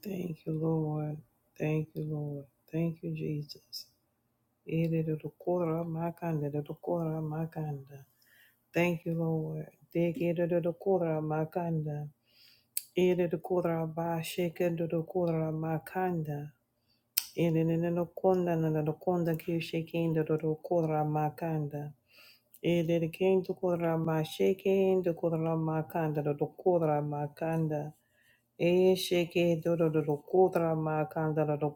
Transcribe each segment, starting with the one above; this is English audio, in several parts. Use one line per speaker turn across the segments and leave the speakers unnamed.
Thank you, Lord. Thank you, Lord. Thank you, Jesus. Iridodokora makanda, dodokora makanda. Thank you, Lord. Degedodokora makanda. Iridokora ba sheke shekedodokora makanda. Iridinokonda nanadokonda kishekedodokora makanda. Iridikendokora ma shekedodokora makanda, dodokora makanda. Esheke dodo dodo kodra makanda dodo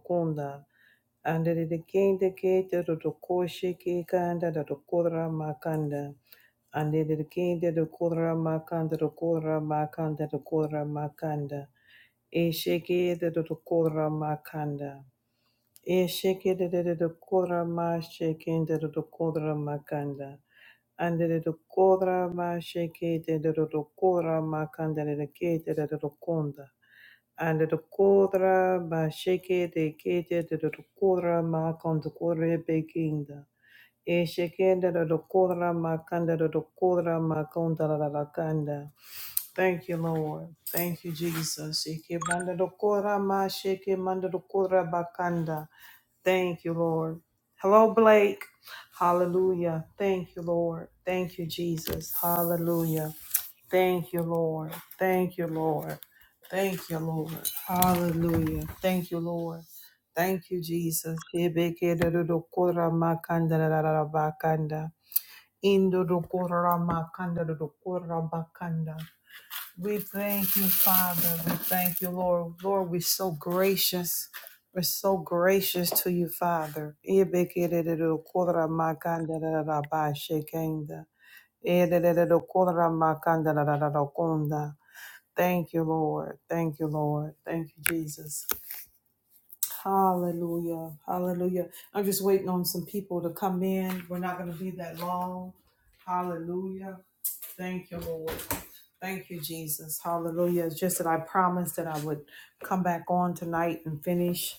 Andere de kende kete do do koshe ke kanda da do kodra makanda. Andere de kende do kodra makanda do kodra makanda do kodra makanda. Eshe kete do do kodra makanda. Eshe kete de de do kodra mashe kende do do kodra makanda. Andere do kodra mashe kete de do do kodra makanda de de kete de do do konda. And the kodra ba sheke de kete de de kodra ma kan de kodre pekinda. E sheke de de kodra ma kan de de kodra ma kan da la la la kanda. Thank you, Lord. Thank you, Jesus. Ike banda dokora ma sheke manda dokora bakanda. Thank you, Lord. Hello, Blake. Hallelujah. Thank you, Lord. Thank you, Jesus. Hallelujah. Thank you, Lord. Thank you, Lord. Thank you, Lord. Hallelujah. Thank you, Lord. Thank you, Jesus. Shebeke dodokora makanda da da da da bakanda. Indo dokora makanda dodokora bakanda. We thank you, Father. We thank you, Lord. Lord, we're so gracious. We're so gracious to you, Father. Thank you, Lord. Thank you, Lord. Thank you, Jesus. Hallelujah. Hallelujah. I'm just waiting on some people to come in. We're not going to be that long. Hallelujah. Thank you, Lord. Thank you, Jesus. Hallelujah. It's just that I promised that I would come back on tonight and finish.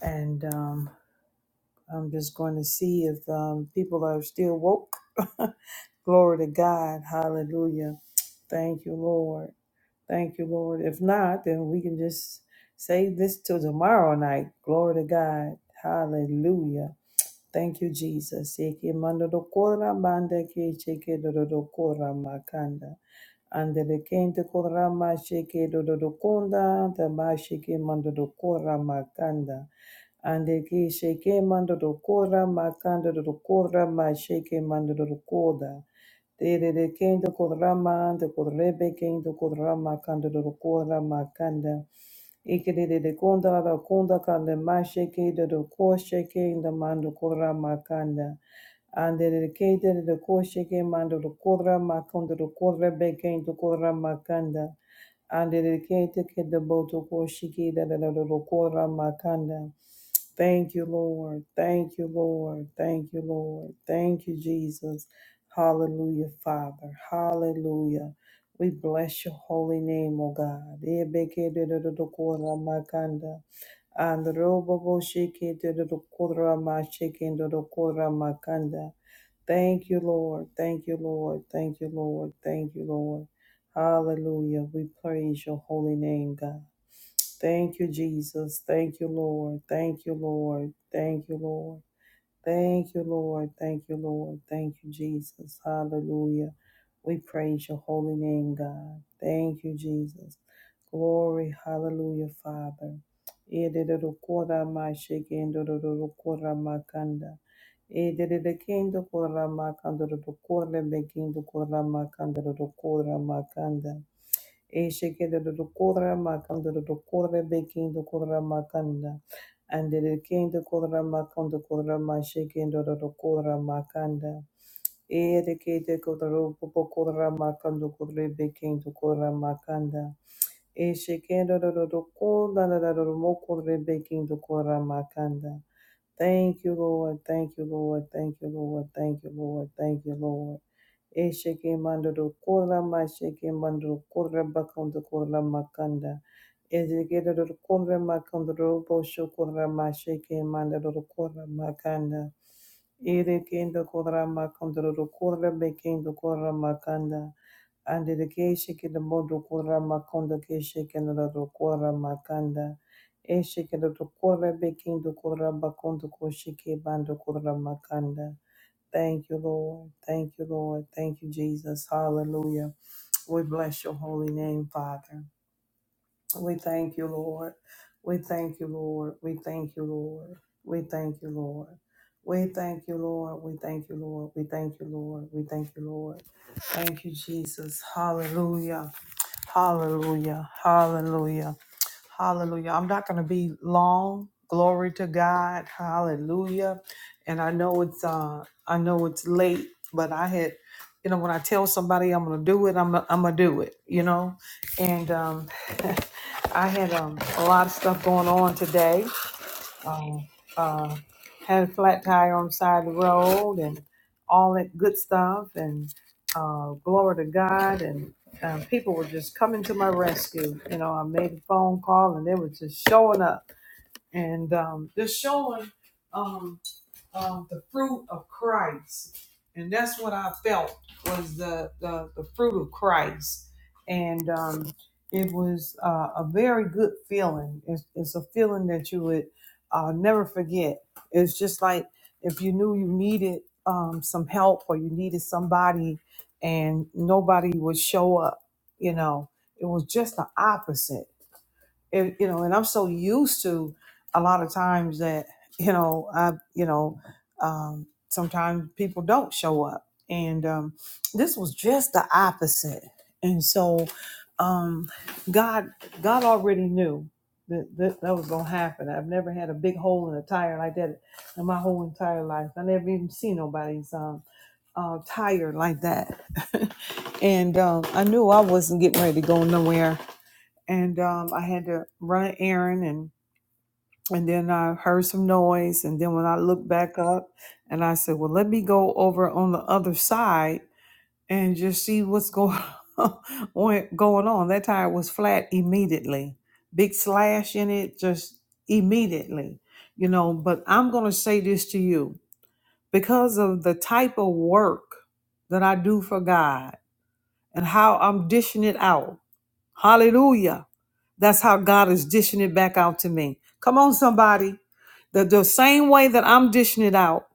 And um, I'm just going to see if um, people are still woke. Glory to God. Hallelujah. Thank you, Lord. Thank you, Lord. If not, then we can just save this till tomorrow night. Glory to God. Hallelujah. Thank you, Jesus. Eke mandodokora do kora banda ke cheke do makanda. Andele kente kora sheke dododokonda. do do sheke mandodokora makanda. Andeke sheke mandodokora makanda do ma sheke mando do do De kente kora ma ande korebe kente kora makanda do makanda. Ikedede kunda la konda kanda masheke de do kosheke in the mando kora makanda. Andere kede de kosheke mando do kora makanda do kora beke do kora makanda. Andere kete kede boto kosheke de do kora makanda. Thank you, Lord. Thank you, Lord. Thank you, Lord. Thank you, Jesus. Hallelujah, Father. Hallelujah. We bless your holy name, O God. Ebekedededokuramakanda. Androboboshikededokoramachekendodokoramakanda. Thank you, Lord. Thank you, Lord. Thank you, Lord. Thank you, Lord. Hallelujah. We praise your holy name, God. Thank you, Jesus. Thank you, Lord. Thank you, Lord. Thank you, Lord. Thank you, Lord. Thank you, Lord. Thank you, Jesus. Hallelujah. We praise your holy name, God. Thank you, Jesus. Glory. Hallelujah, Father. Makanda. Makanda. Makanda. Eshekere dokora makanda dokora beking dokora makanda. And the king dokora makanda dokora masheking dokora makanda. Erekete kodoro popokora makanda kodre beking dokora makanda. Eshekere dokora mokodre beking dokora makanda. Thank you, Lord. Thank you, Lord. Thank you, Lord. Thank you, Lord. Thank you, Lord. Esheke mandoro kora masheke mandoro kora bakondo kora makanda. Ezekere doro kora makondo doro bosho kora masheke mandoro kora makanda. Ere kendo kora makondo doro kora bekendo kora makanda. Ande de kesheke de mondo kora makondo kesheke doro kora makanda. Esheke doro kora bekendo kora bakondo kosheke bando kora makanda. Thank you, Lord. Thank you, Lord. Thank you, Jesus. Hallelujah. We bless your holy name, Father. We thank you, Lord. We thank you, Lord. We thank you, Lord. We thank you, Lord. We thank you, Lord. We thank you, Lord. We thank you, Lord. We thank you, Lord. Thank you, Jesus. Hallelujah. Hallelujah. Hallelujah. Hallelujah. I'm not going to be long. Glory to God. Hallelujah. And I know it's uh I know it's late, but I had you know when I tell somebody I'm going to do it, I'm I'm going to do it, you know. And um I had um a lot of stuff going on today uh, uh, had a flat tire on the side of the road and all that good stuff and uh, glory to God and uh, people were just coming to my rescue. You know, I made a phone call and they were just showing up and um, just showing. Um, um, the fruit of Christ, and that's what I felt was the the, the fruit of Christ, and um, it was uh, a very good feeling. It's, it's a feeling that you would uh, never forget. It's just like if you knew you needed um, some help or you needed somebody, and nobody would show up. You know, it was just the opposite it, you know, and I'm so used to a lot of times that you know, I you know, um, sometimes people don't show up, and um, this was just the opposite. And so, um, God, God already knew that, that that was gonna happen. I've never had a big hole in a tire like that in my whole entire life. I never even seen nobody's um, uh, tire like that, and um, I knew I wasn't getting ready to go nowhere and um, I had to run an errand and and then I heard some noise and then when I looked back up and I said, well, let me go over on the other side and just see what's going on, going on. That tire was flat immediately, big slash in it just immediately, you know. But I'm gonna say this to you because of the type of work that I do for God and how I'm dishing it out. Hallelujah. That's how God is dishing it back out to me. Come on, somebody. The, the same way that I'm dishing it out,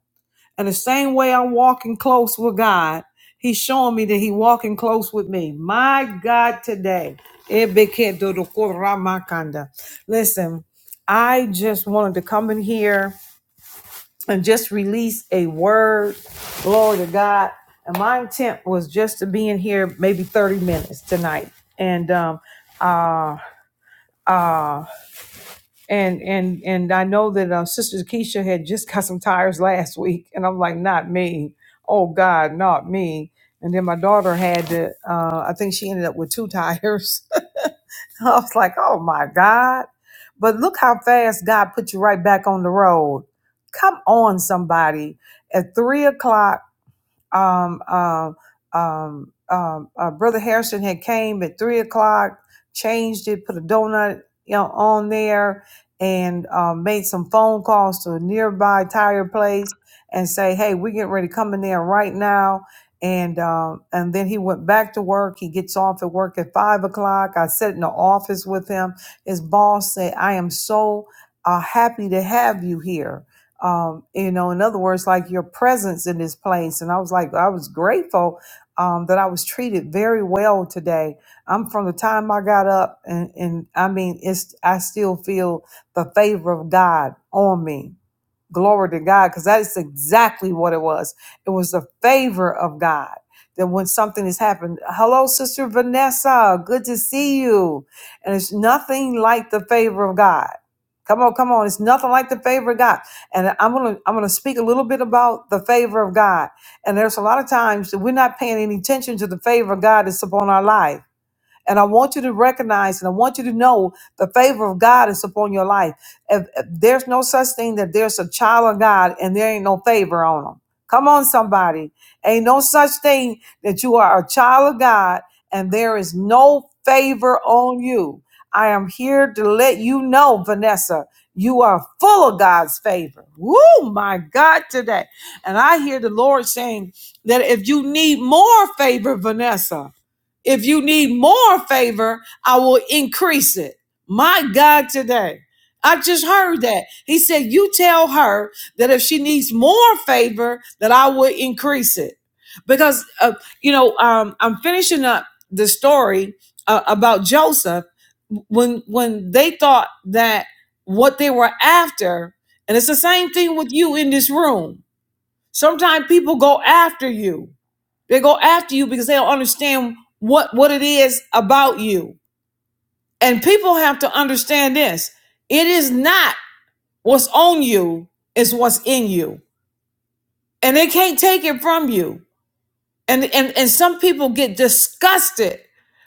and the same way I'm walking close with God, He's showing me that He's walking close with me. My God, today. Listen, I just wanted to come in here and just release a word. Glory to God. And my intent was just to be in here maybe 30 minutes tonight. And um, uh, uh and and and i know that uh, sister keisha had just got some tires last week and i'm like not me oh god not me and then my daughter had to uh i think she ended up with two tires i was like oh my god but look how fast god put you right back on the road come on somebody at three o'clock um, um, um, um, uh, Brother Harrison had came at three o'clock, changed it, put a donut you know, on there, and um, made some phone calls to a nearby tire place and say, "Hey, we getting ready to come in there right now." And um, and then he went back to work. He gets off at work at five o'clock. I sat in the office with him. His boss said, "I am so uh, happy to have you here." um, you know, in other words, like your presence in this place. And I was like, I was grateful um, that I was treated very well today. I'm from the time I got up, and, and I mean, it's I still feel the favor of God on me Glory to God, because that is exactly what it was. It was the favor of God that when something has happened, hello, Sister Vanessa, good to see you. And it's nothing like the favor of God. Come on, come on. It's nothing like the favor of God. And I'm gonna I'm gonna speak a little bit about the favor of God. And there's a lot of times that we're not paying any attention to the favor of God that's upon our life and I want you to recognize and I want you to know the favor of God is upon your life. If, if there's no such thing that there's a child of God and there ain't no favor on them. Come on, somebody. Ain't no such thing that you are a child of God and there is no favor on you. I am here to let you know, Vanessa, you are full of God's favor. Woo, my God, today. And I hear the Lord saying that if you need more favor, Vanessa, if you need more favor, I will increase it. My God, today. I just heard that. He said, You tell her that if she needs more favor, that I will increase it. Because, uh, you know, um, I'm finishing up the story uh, about Joseph when when they thought that what they were after, and it's the same thing with you in this room. Sometimes people go after you they go after you because they don't understand what what it is about you. And people have to understand this. It is not what's on you, it's what's in you. And they can't take it from you. And and, and some people get disgusted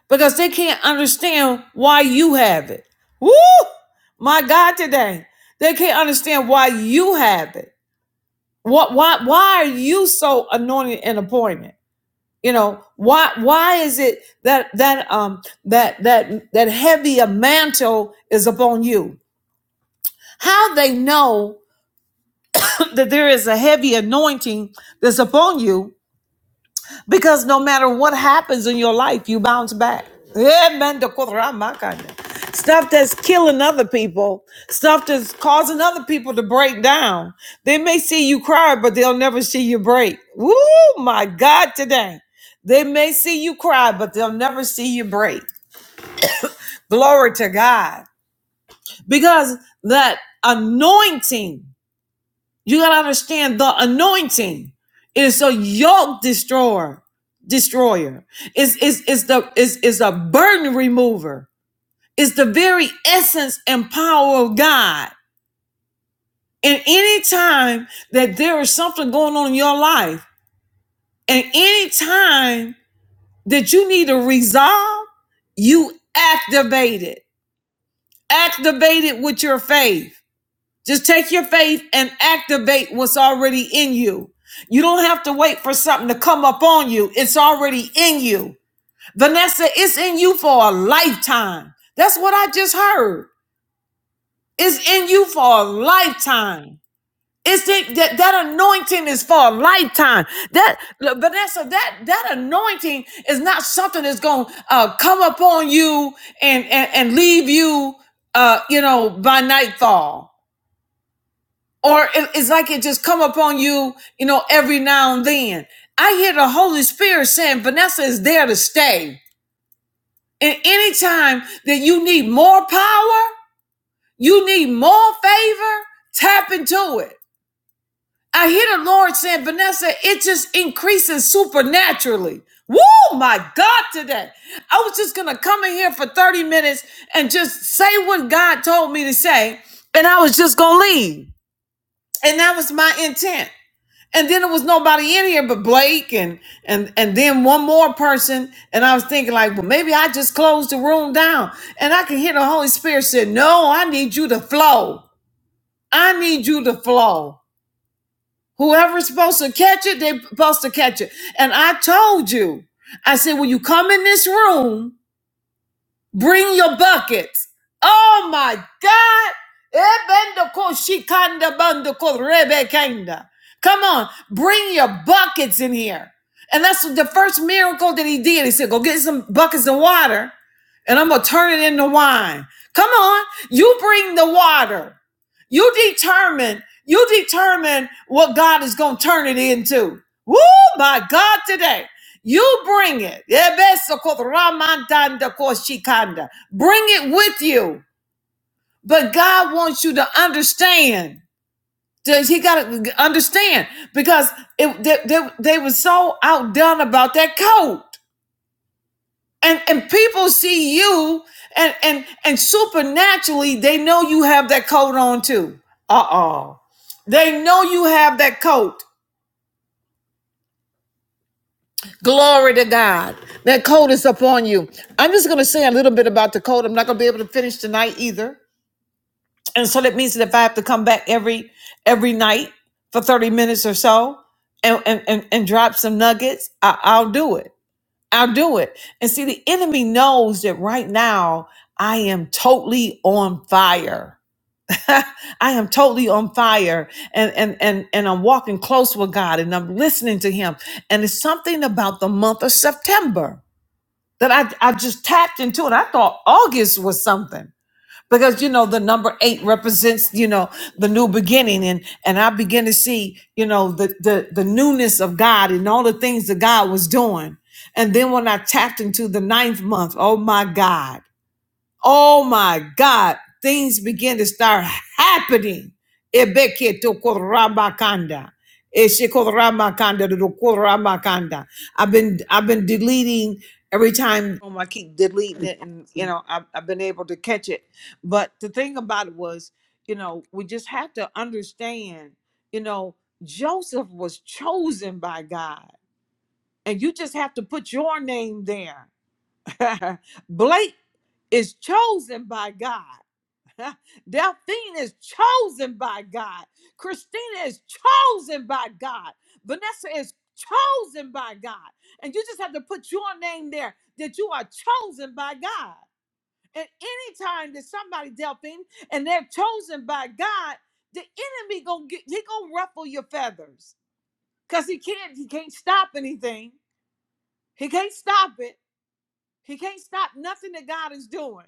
because they can't understand why you have it. Woo! My God today. They can't understand why you have it. What why why are you so anointed and appointed? you know why why is it that that um that that that heavier mantle is upon you how they know that there is a heavy anointing that's upon you because no matter what happens in your life, you bounce back. Amen. to Kuramakaya. Stuff that's killing other people, stuff that's causing other people to break down. They may see you cry, but they'll never see you break. Woo, my God, today. They may see you cry, but they'll never see you break. Glory to God. Because that anointing you gotta understand the anointing is a yoke destroyer. Destroyer is is is the is is a burden remover. It's the very essence and power of God. And any time that there is something going on in your life, and any time that you need to resolve, you activate it. Activate it with your faith. Just take your faith and activate what's already in you. You don't have to wait for something to come up on you. It's already in you. Vanessa, it's in you for a lifetime. That's what I just heard. It's in you for a lifetime. It's in- that that anointing is for a lifetime. That Vanessa, that that anointing is not something that's going to uh, come up on you and, and and leave you, uh, you know, by nightfall or it- it's like it just come upon you, you know, every now and then. I hear the Holy Spirit saying, Vanessa is there to stay. And anytime that you need more power, you need more favor, tap into it. I hear the Lord saying, Vanessa, it just increases supernaturally. Woo, my God, today. I was just going to come in here for 30 minutes and just say what God told me to say, and I was just going to leave. And that was my intent. And then there was nobody in here but Blake and and and then one more person. And I was thinking like, well, maybe I just closed the room down. And I could hear the Holy Spirit said, No, I need you to flow. I need you to flow. Whoever's supposed to catch it, they're supposed to catch it. And I told you, I said, when you come in this room, Bring your buckets. Oh my God. Ebendoko shikanda bandoko rebekenda. Come on, bring your buckets in here. And that's the first miracle that he did. He said, Go get some buckets of water and I'm going to turn it into wine. Come on, you bring the water. You determine, you determine what God is going to turn it into. Woo, my God, today. You bring it. Ebesokoramandandakoshikonda. Bring it with you. But God wants you to understand. Does He got to understand because it, they, they, they were so outdone about that coat. And, and people see you and, and, and supernaturally they know you have that coat on too. Uh-oh. They know you have that coat. Glory to God. That cold is upon you. I'm just going to say a little bit about the cold. I'm not going to be able to finish tonight either. And so that means that if I have to come back every every night for 30 minutes or so and and, and, and drop some nuggets, I, I'll do it. I'll do it. And see, the enemy knows that right now I am totally on fire. I am totally on fire and, and and and I'm walking close with God and I'm listening to him. And it's something about the month of September that I, I just tapped into it. I thought August was something because you know the number eight represents you know the new beginning and and I begin to see you know the the the newness of God and all the things that God was doing. And then when I tapped into the ninth month, oh my God. Oh my God, things begin to start happening. Ebeke to koramakanda. Eshe koramakanda to Eshekoramakanda dodokoramakanda. I've been I've been deleting every time um, I keep deleting it and you know I've, I've been able to catch it. But the thing about it was, you know, we just have to understand, you know, Joseph was chosen by God. And you just have to put your name there Blake is chosen by God. Delphine is chosen by God. Christina is chosen by God. Vanessa is chosen by God. And you just have to put your name there that you are chosen by God. And anytime that somebody Delphine and they're chosen by God, the enemy gonna get he gonna ruffle your feathers. Cause he can't, he can't stop anything. He can't stop it. He can't stop nothing that God is doing.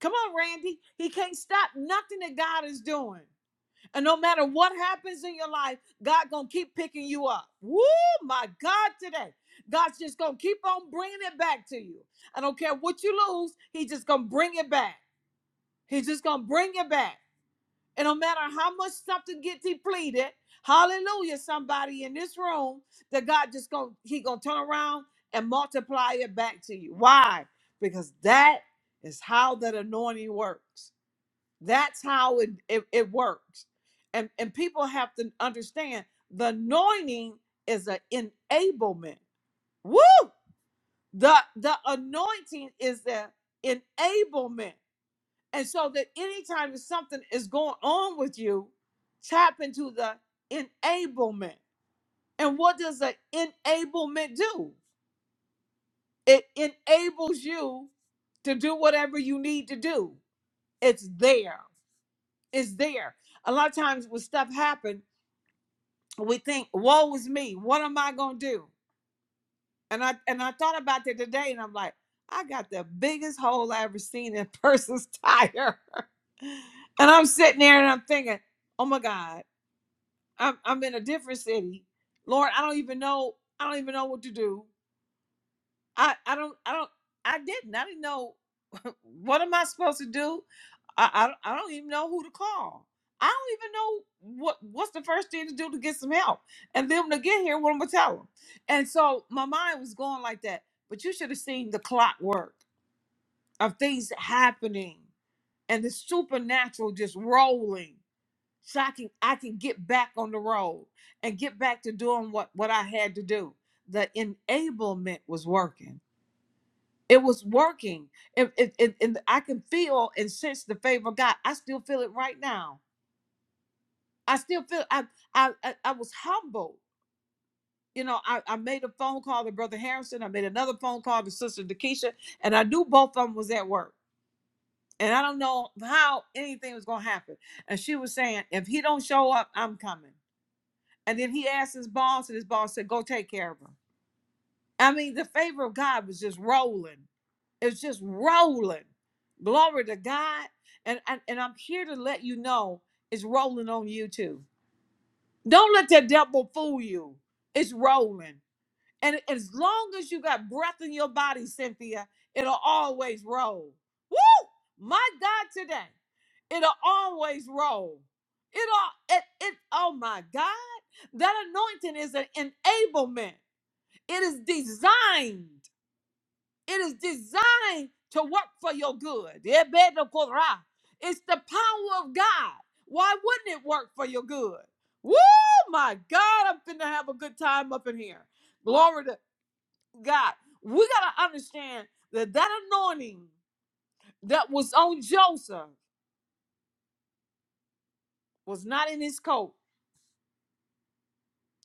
Come on, Randy. He can't stop nothing that God is doing. And no matter what happens in your life, God gonna keep picking you up. Woo, my God, today. God's just gonna keep on bringing it back to you. I don't care what you lose, He's just gonna bring it back. He's just gonna bring it back. And no matter how much something get depleted, hallelujah, somebody in this room, that God just gonna, He gonna turn around and multiply it back to you. Why? Because that is how that anointing works. That's how it, it, it works. And, and people have to understand the anointing is an enablement. Woo! The, the anointing is the enablement. And so that anytime that something is going on with you, tap into the enablement. And what does the enablement do? It enables you to do whatever you need to do. It's there. It's there. A lot of times when stuff happens, we think, woe is me. What am I gonna do? And I and I thought about that today, and I'm like, I got the biggest hole I ever seen in a person's tire. and I'm sitting there and I'm thinking, oh my God, I'm I'm in a different city. Lord, I don't even know, I don't even know what to do. I I don't I don't I didn't I didn't know what am I supposed to do. I I, don't- I don't even know who to call. I don't even know what what's the first thing to do to get some help. And then when I get here, what am I gonna tell them? And so my mind was going like that. But you should have seen the clockwork of things happening and the supernatural just rolling. So I can I can get back on the road and get back to doing what what I had to do. The enablement was working it was working. And, and, and, and I can feel and sense the favor of God. I still feel it right now. I still feel I I I, I was humbled. You know, I, I made a phone call to Brother Harrison. I made another phone call to Sister Dakisha, and I knew both of them was at work. And I don't know how anything was gonna happen. And she was saying, if he don't show up, I'm coming. And then he asked his boss, and his boss said, Go take care of him. I mean, the favor of God was just rolling. It's just rolling. Glory to God. And, and and I'm here to let you know it's rolling on you too. Don't let that devil fool you. It's rolling. And as long as you got breath in your body, Cynthia, it'll always roll. Woo! My God today. It'll always roll. It'll it it oh my God. That anointing is an enablement. It is designed. It is designed to work for your good. Ebedokora. It's the power of God. Why wouldn't it work for your good? Woo, my God, I'm finna have a good time up in here. Glory to God. We gotta understand that that anointing that was on Joseph was not in his coat.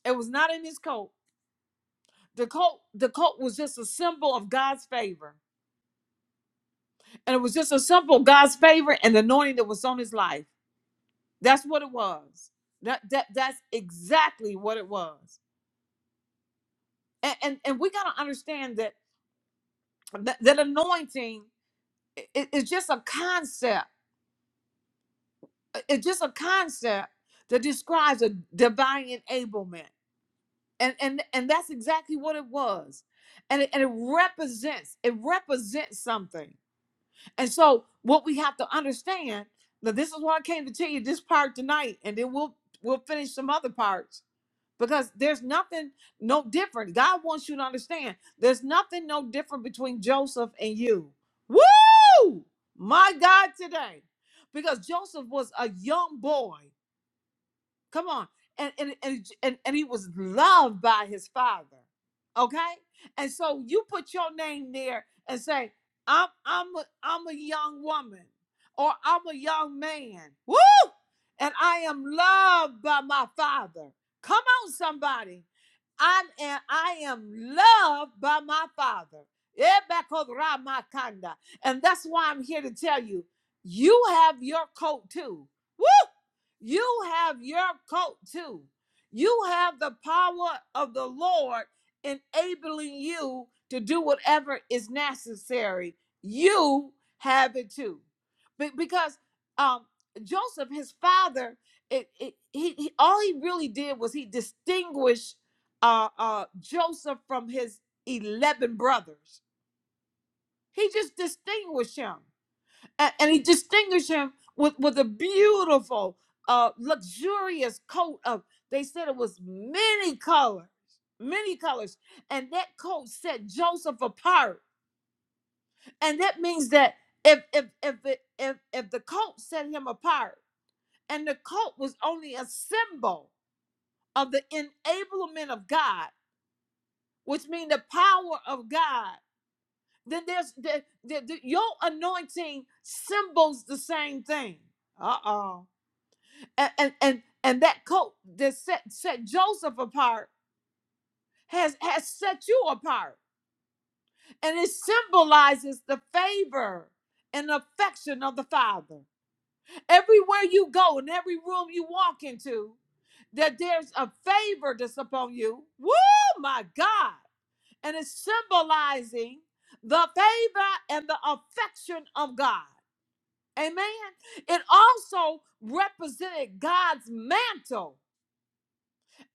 It was not in his coat. The coat, the coat was just a symbol of God's favor. And it was just a symbol of God's favor and the anointing that was on his life. That's what it was. That that that's exactly what it was. And and, and we gotta understand that that, that anointing is is just a concept. It's just a concept that describes a divine enablement. And and and that's exactly what it was. And it, and it represents it represents something. And so what we have to understand that this is why I came to tell you this part tonight, and then we'll we'll finish some other parts because there's nothing no different. God wants you to understand there's nothing no different between Joseph and you. Woo! My God, today. Because Joseph was a young boy. Come on. And and, and and and he was loved by his father. Okay? And so you put your name there and say, I'm I'm a, I'm a young woman or I'm a young man. Woo! And I am loved by my father. Come on, somebody. I am I am loved by my father. Ebakoramakanda. And that's why I'm here to tell you, you have your coat too. Woo! You have your coat too. You have the power of the Lord enabling you to do whatever is necessary. You have it too. Be- because um, Joseph, his father, it, it, he, he all he really did was he distinguished uh, uh, Joseph from his 11 brothers. He just distinguished him and, and he distinguished him with with a beautiful uh luxurious coat of they said it was many colors many colors and that coat set joseph apart and that means that if if if it, if, if the coat set him apart and the coat was only a symbol of the enablement of god which means the power of god then there's the, the, the your anointing symbols the same thing uh-oh and and and, and that coat that set set Joseph apart has has set you apart, and it symbolizes the favor and affection of the Father. Everywhere you go, in every room you walk into, that there's a favor that's upon you. Woo, my God! And it's symbolizing the favor and the affection of God. Amen. It also represented God's mantle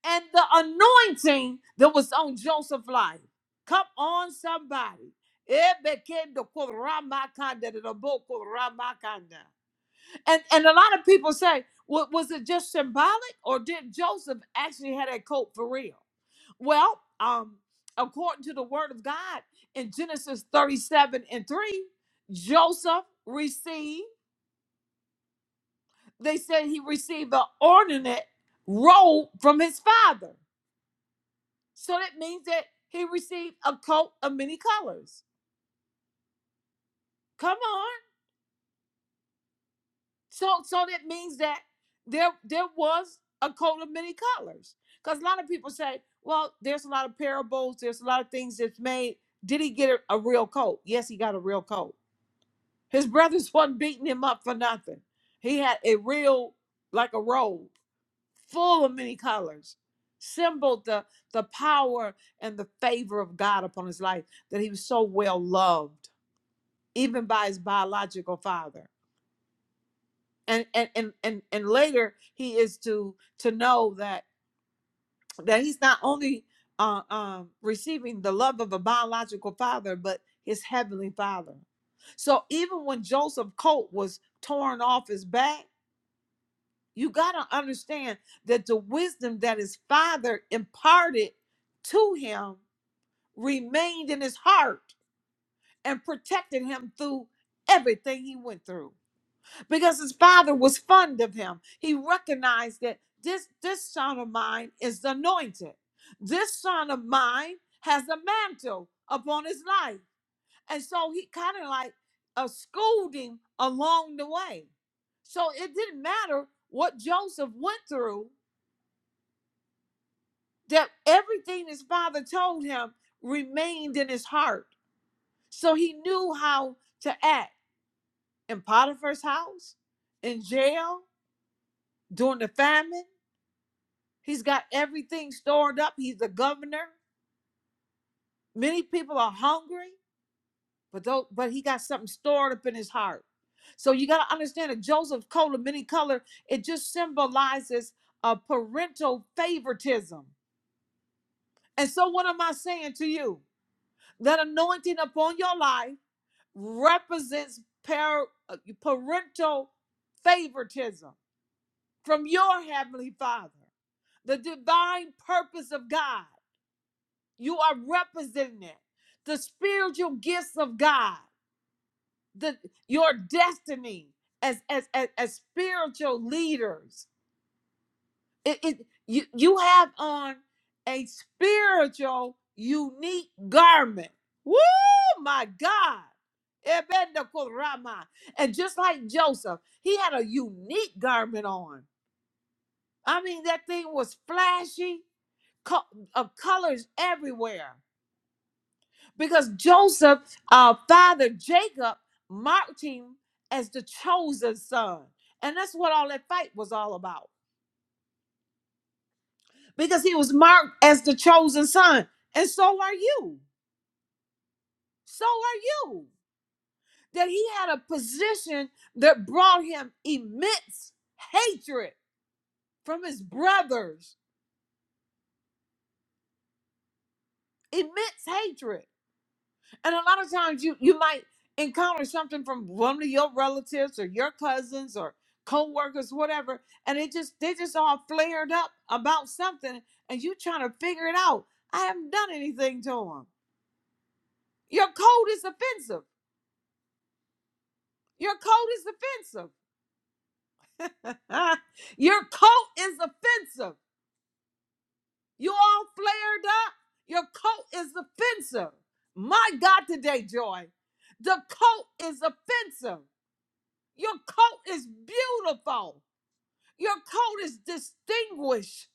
and the anointing that was on Joseph's life. Come on, somebody. Ebekendo koramakanda de dobo koramakanda. And and a lot of people say, "Wa- was it just symbolic or did Joseph actually have that coat for real? Well, um, according to the word of God in Genesis 37 and 3, Joseph received, they said he received an ornate robe from his father. So that means that he received a coat of many colors. Come on. So so that means that there there was a coat of many colors. Because a lot of people say, well, there's a lot of parables, there's a lot of things that's made. Did he get a, a real coat? Yes, he got a real coat. His brothers wasn't beating him up for nothing. He had a real, like a robe, full of many colors, symboled the the power and the favor of God upon his life, that he was so well loved even by his biological father and and and and, and later he is to to know that that he's not only uh, um, receiving the love of a biological father but his heavenly father so even when joseph coat was torn off his back you got to understand that the wisdom that his father imparted to him remained in his heart and protected him through everything he went through because his father was fond of him. He recognized that this this son of mine is anointed. This son of mine has a mantle upon his life. And so he kind of like uh, schooled him along the way. So it didn't matter what Joseph went through, that everything his father told him remained in his heart. So he knew how to act in Potiphar's house, in jail, during the famine He's got everything stored up. He's the governor. Many people are hungry, but though, but he got something stored up in his heart. So you got to understand that Joseph's coat of many color, it just symbolizes a parental favoritism. And so what am I saying to you? That anointing upon your life represents par- uh, parental favoritism from your heavenly father, the divine purpose of God. You are representing it. The spiritual gifts of God, the your destiny as as as, as spiritual leaders. It, it you you have on a spiritual unique garment. Woo my God. Ebendekorama. And just like Joseph, he had a unique garment on. I mean, that thing was flashy, co- of colors everywhere. because Joseph uh, father Jacob marked him as the chosen son. And that's what all that fight was all about. Because he was marked as the chosen son. And so are you. So are you. That he had a position that brought him immense hatred from his brothers, immense hatred. and a lot of times you you might encounter something from one of your relatives or your cousins or co-workers whatever and it just they just all flared up about something and you trying to figure it out i haven't done anything to them your coat is offensive your coat is offensive your coat is offensive you all flared up your coat is offensive my god today joy the coat is offensive Your coat is beautiful. Your coat is distinguished.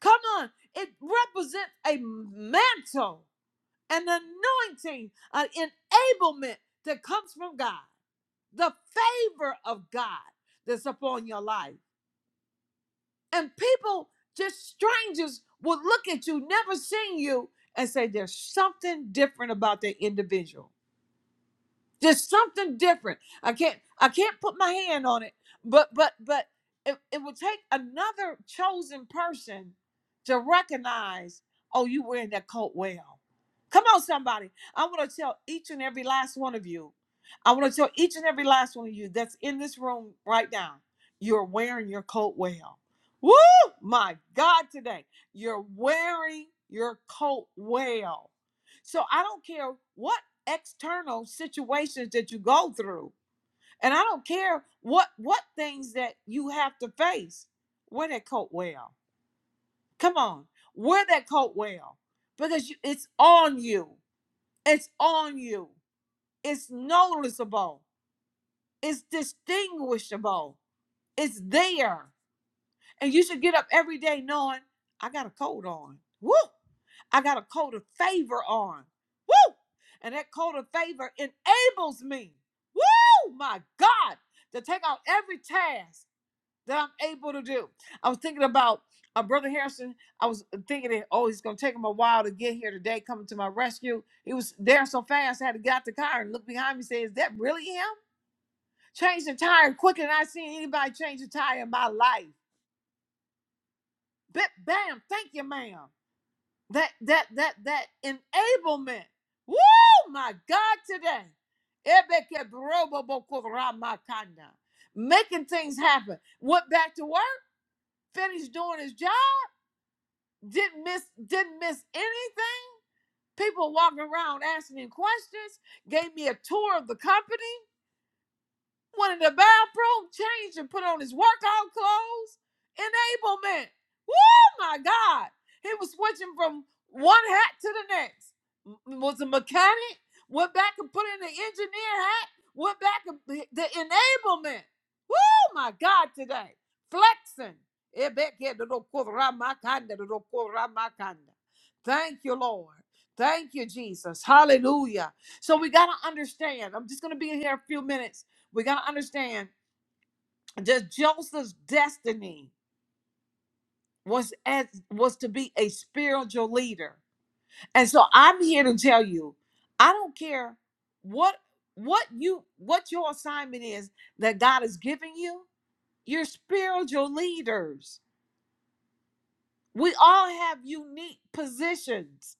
Come on, it represents a mantle, an anointing, an enablement that comes from God, the favor of God that's upon your life. And people, just strangers, will look at you, never seen you, and say there's something different about that individual There's something different. I can't I can't put my hand on it, but but but it, it will take another chosen person to recognize, oh, you wearing that coat well. Come on, somebody. I want to tell each and every last one of you. I want to tell each and every last one of you that's in this room right now. You're wearing your coat well. Woo! My God, today. You're wearing your coat well. So I don't care what external situations that you go through. And I don't care what what things that you have to face. Wear that coat well. Come on, wear that coat well because you, it's on you. It's on you. It's noticeable. It's distinguishable. It's there, and you should get up every day knowing I got a coat on. Woo! I got a coat of favor on. Woo! And that coat of favor enables me, woo, my God, to take out every task that I'm able to do. I was thinking about uh, Brother Harrison. I was uh, thinking that, oh, it's going to take him a while to get here today, coming to my rescue. He was there so fast, I had to get out the car and look behind me and say, is that really him? Changed the tire quicker than I seen anybody change a tire in my life. Bip, bam, thank you, ma'am. that that that that enablement. Woo, my God, today. Making things happen. Went back to work, finished doing his job, didn't miss didn't miss anything. People walking around asking him questions, gave me a tour of the company. went in the bathroom, changed and put on his workout clothes. Enablement. Oh my God. He was switching from one hat to the next. Was a mechanic, went back and put in the engineer hat, went back and the enablement. Oh my God today. Flexing. Thank you, Lord. Thank you, Jesus. Hallelujah. So we got to understand. I'm just going to be in here a few minutes we gotta understand that Joseph's destiny was as was to be a spiritual leader. And so I'm here to tell you, I don't care what what you what your assignment is that God is giving you, you're spiritual leaders. We all have unique positions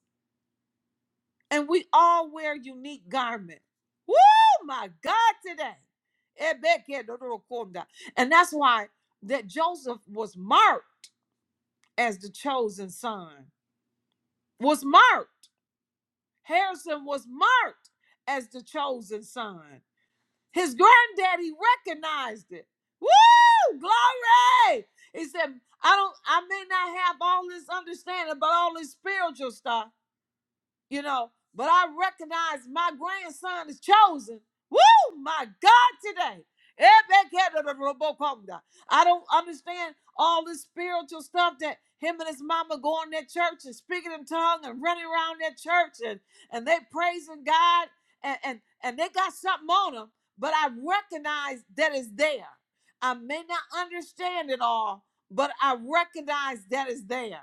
and we all wear unique garments. Woo my God today. Ebekedodokonda. And that's why that Joseph was marked. as the chosen son, was marked. Harrison was marked as the chosen son. His granddaddy recognized it. Woo! Glory! He said, I don't I may not have all this understanding about all this spiritual stuff, you know. But I recognize my grandson is chosen. Woo, my God, today. I don't understand all this spiritual stuff that him and his mama go in that church and speaking in tongue and running around that church and, and they praising God and, and, and they got something on them, but I recognize that it's there. I may not understand it all, but I recognize that it's there.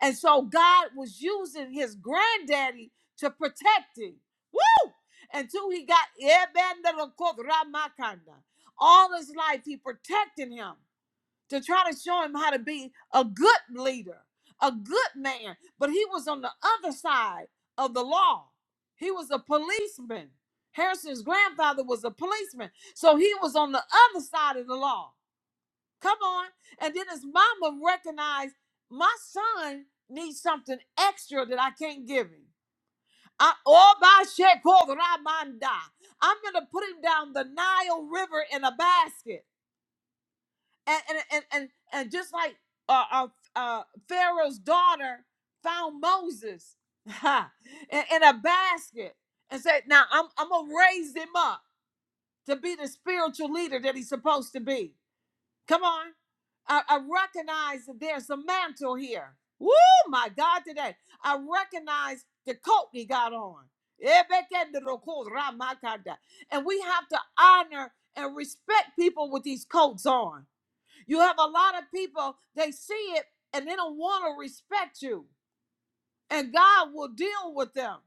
And so God was using his granddaddy to protect him. Woo! Until he got Ramakanda. all his life, he protected him to try to show him how to be a good leader, a good man. But he was on the other side of the law. He was a policeman. Harrison's grandfather was a policeman. So he was on the other side of the law. Come on. And then his mama recognized my son needs something extra that I can't give him. I, oh, by Sheko Ramanda. I'm going to put him down the Nile River in a basket. And, and, and, and, and just like uh, uh, uh, Pharaoh's daughter found Moses ha, in, in a basket and said, Now I'm, I'm going to raise him up to be the spiritual leader that he's supposed to be. Come on. I, I recognize that there's a mantle here. Woo, my God, today. I recognize the coat he got on. And we have to honor and respect people with these coats on. You have a lot of people, they see it and they don't want to respect you. And God will deal with them.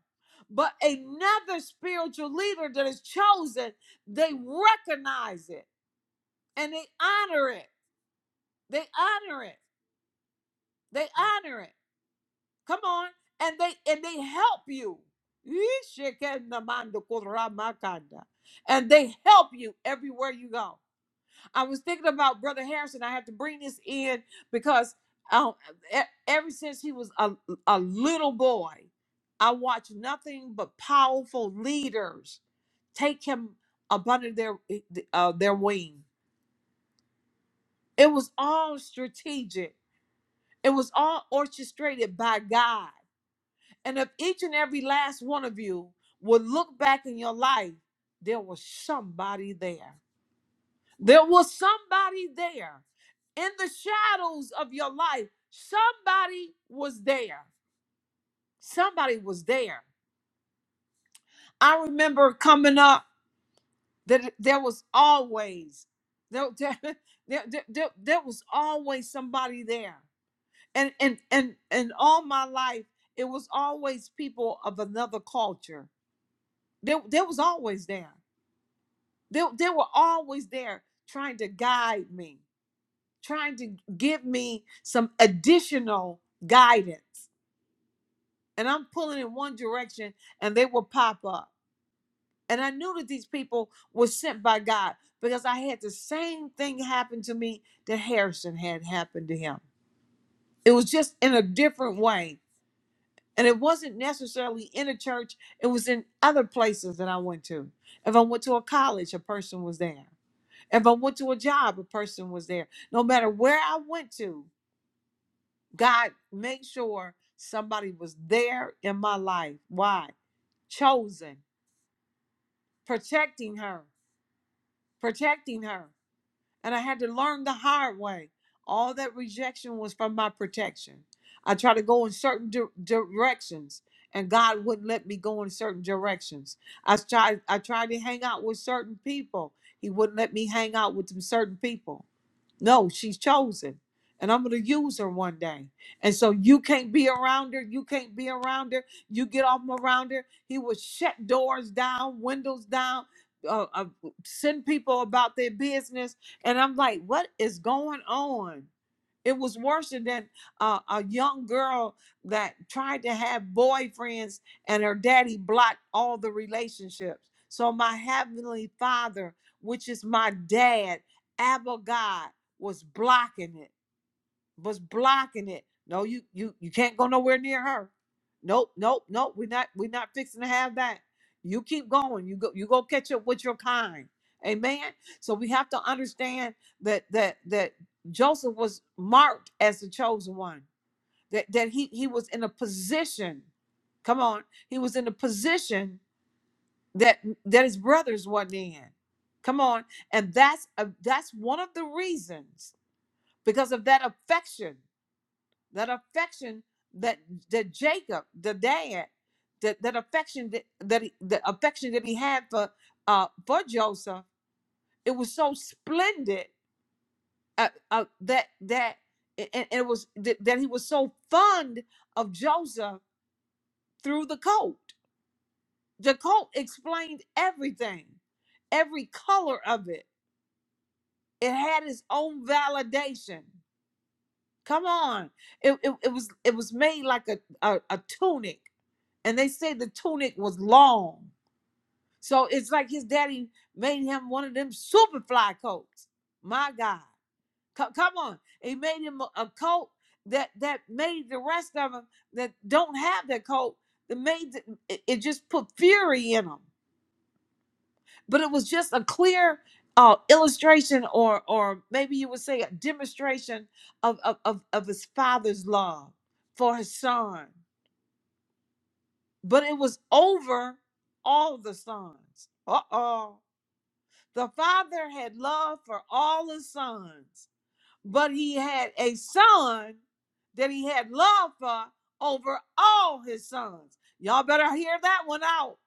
But another spiritual leader that is chosen, they recognize it and they honor it. They honor it. They honor it. Come on. And they and they help you. And they help you everywhere you go. I was thinking about Brother Harrison. I had to bring this in because um, e- ever since he was a, a little boy, I watched nothing but powerful leaders take him up under their uh, their wing. It was all strategic. It was all orchestrated by God. And if each and every last one of you would look back in your life, there was somebody there. There was somebody there. In the shadows of your life, somebody was there. Somebody was there. I remember coming up that there was always there, there, there, there, there there was always somebody there. And and and and all my life, it was always people of another culture. There, there was always there. They, they were always there trying to guide me, trying to give me some additional guidance. And I'm pulling in one direction and they will pop up. And I knew that these people were sent by God because I had the same thing happen to me that Harrison had happened to him. It was just in a different way. And it wasn't necessarily in a church, it was in other places that I went to. If I went to a college, a person was there. If I went to a job, a person was there. No matter where I went to, God made sure somebody was there in my life. Why? Chosen, protecting her, protecting her. And I had to learn the hard way. All that rejection was from my protection. I tried to go in certain di- directions, and God wouldn't let me go in certain directions. I tried, I tried to hang out with certain people. He wouldn't let me hang out with some certain people. No, she's chosen. And I'm going to use her one day. And so you can't be around her. You can't be around her. You get off around her. He would shut doors down, windows down, uh, uh, send people about their business. And I'm like, what is going on? It was worse than uh, a young girl that tried to have boyfriends and her daddy blocked all the relationships. So my heavenly father, which is my dad, Abba God, was blocking it was blocking it. No, you you you can't go nowhere near her. Nope, nope, nope. We're not we're not fixing to have that. You keep going. You go you go catch up with your kind. Amen. So we have to understand that that that Joseph was marked as the chosen one. That that he he was in a position. Come on, he was in a position that that his brothers wasn't in. Come on, and that's a, that's one of the reasons because of that affection that affection that that Jacob, the dad, that that affection that that he, the affection that he had for uh for Joseph, it was so splendid uh, uh, that that and, and it was that, that he was so fond of Joseph through the coat. The coat explained everything, every color of it. It had its own validation. Come on, it, it, it was it was made like a, a a tunic and they say the tunic was long. So it's like his daddy made him one of them super fly coats. My God, Co- come on! He made him a a coat that that made the rest of them that don't have that coat. That made the, it, it just put fury in them. But it was just a clear uh, illustration, or or maybe you would say a demonstration of of of, of his father's love for his son. but it was over all the sons. Uh oh. The father had love for all his sons, but he had a son that he had love for over all his sons. Y'all better hear that one out.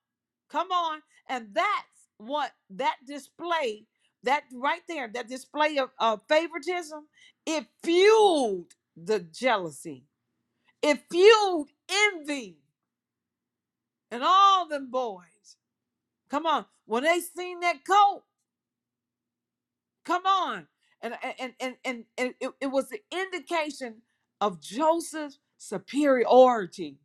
Come on. And that's what that display, that right there, that display of, of favoritism, it fueled the jealousy, it fueled envy in all them boys Come on. When they seen that coat, come on. And and and and, and it, it was the indication of Joseph's superiority.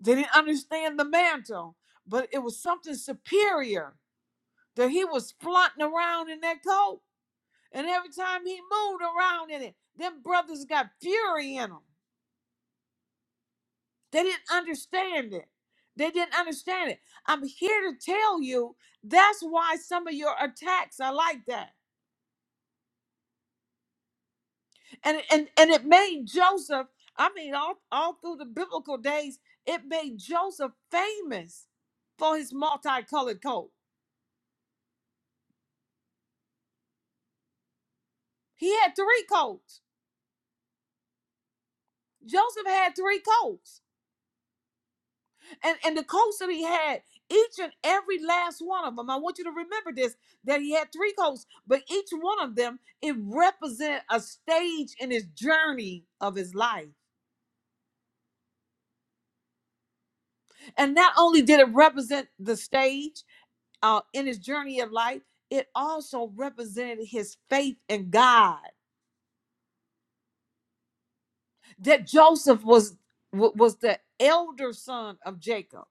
They didn't understand the mantle, but it was something superior that he was flaunting around in that coat. And every time he moved around in it, them brothers got fury in them. They didn't understand it. They didn't understand it. I'm here to tell you that's why some of your attacks are like that and and and it made joseph i mean all, all through the biblical days it made joseph famous for his multicolored coat he had three coats joseph had three coats and and the coats that he had each and every last one of them i want you to remember this that he had three coats but each one of them it represented a stage in his journey of his life and not only did it represent the stage uh, in his journey of life, it also represented his faith in God. That Joseph was was the elder son of Jacob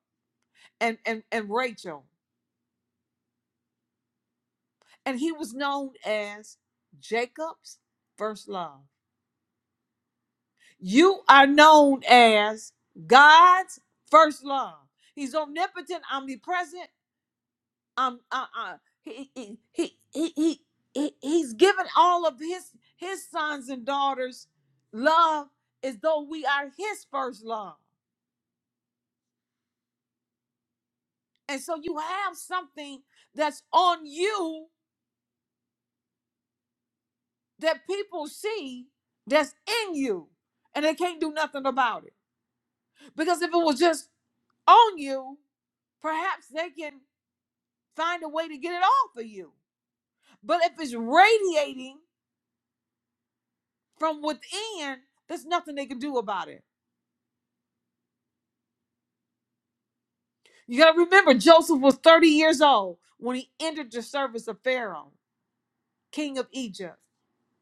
and and and Rachel, and he was known as Jacob's first love. You are known as God's first love. He's omnipotent, omnipresent. um uh, uh he, he, he he he he- he's given all of his his sons and daughters love as though we are his first love and so you have something that's on you that people see that's in you and they can't do nothing about it because if it was just on you perhaps they can find a way to get it off of you but if it's radiating from within there's nothing they can do about it You got to remember, Joseph was 30 years old when he entered the service of Pharaoh, king of Egypt,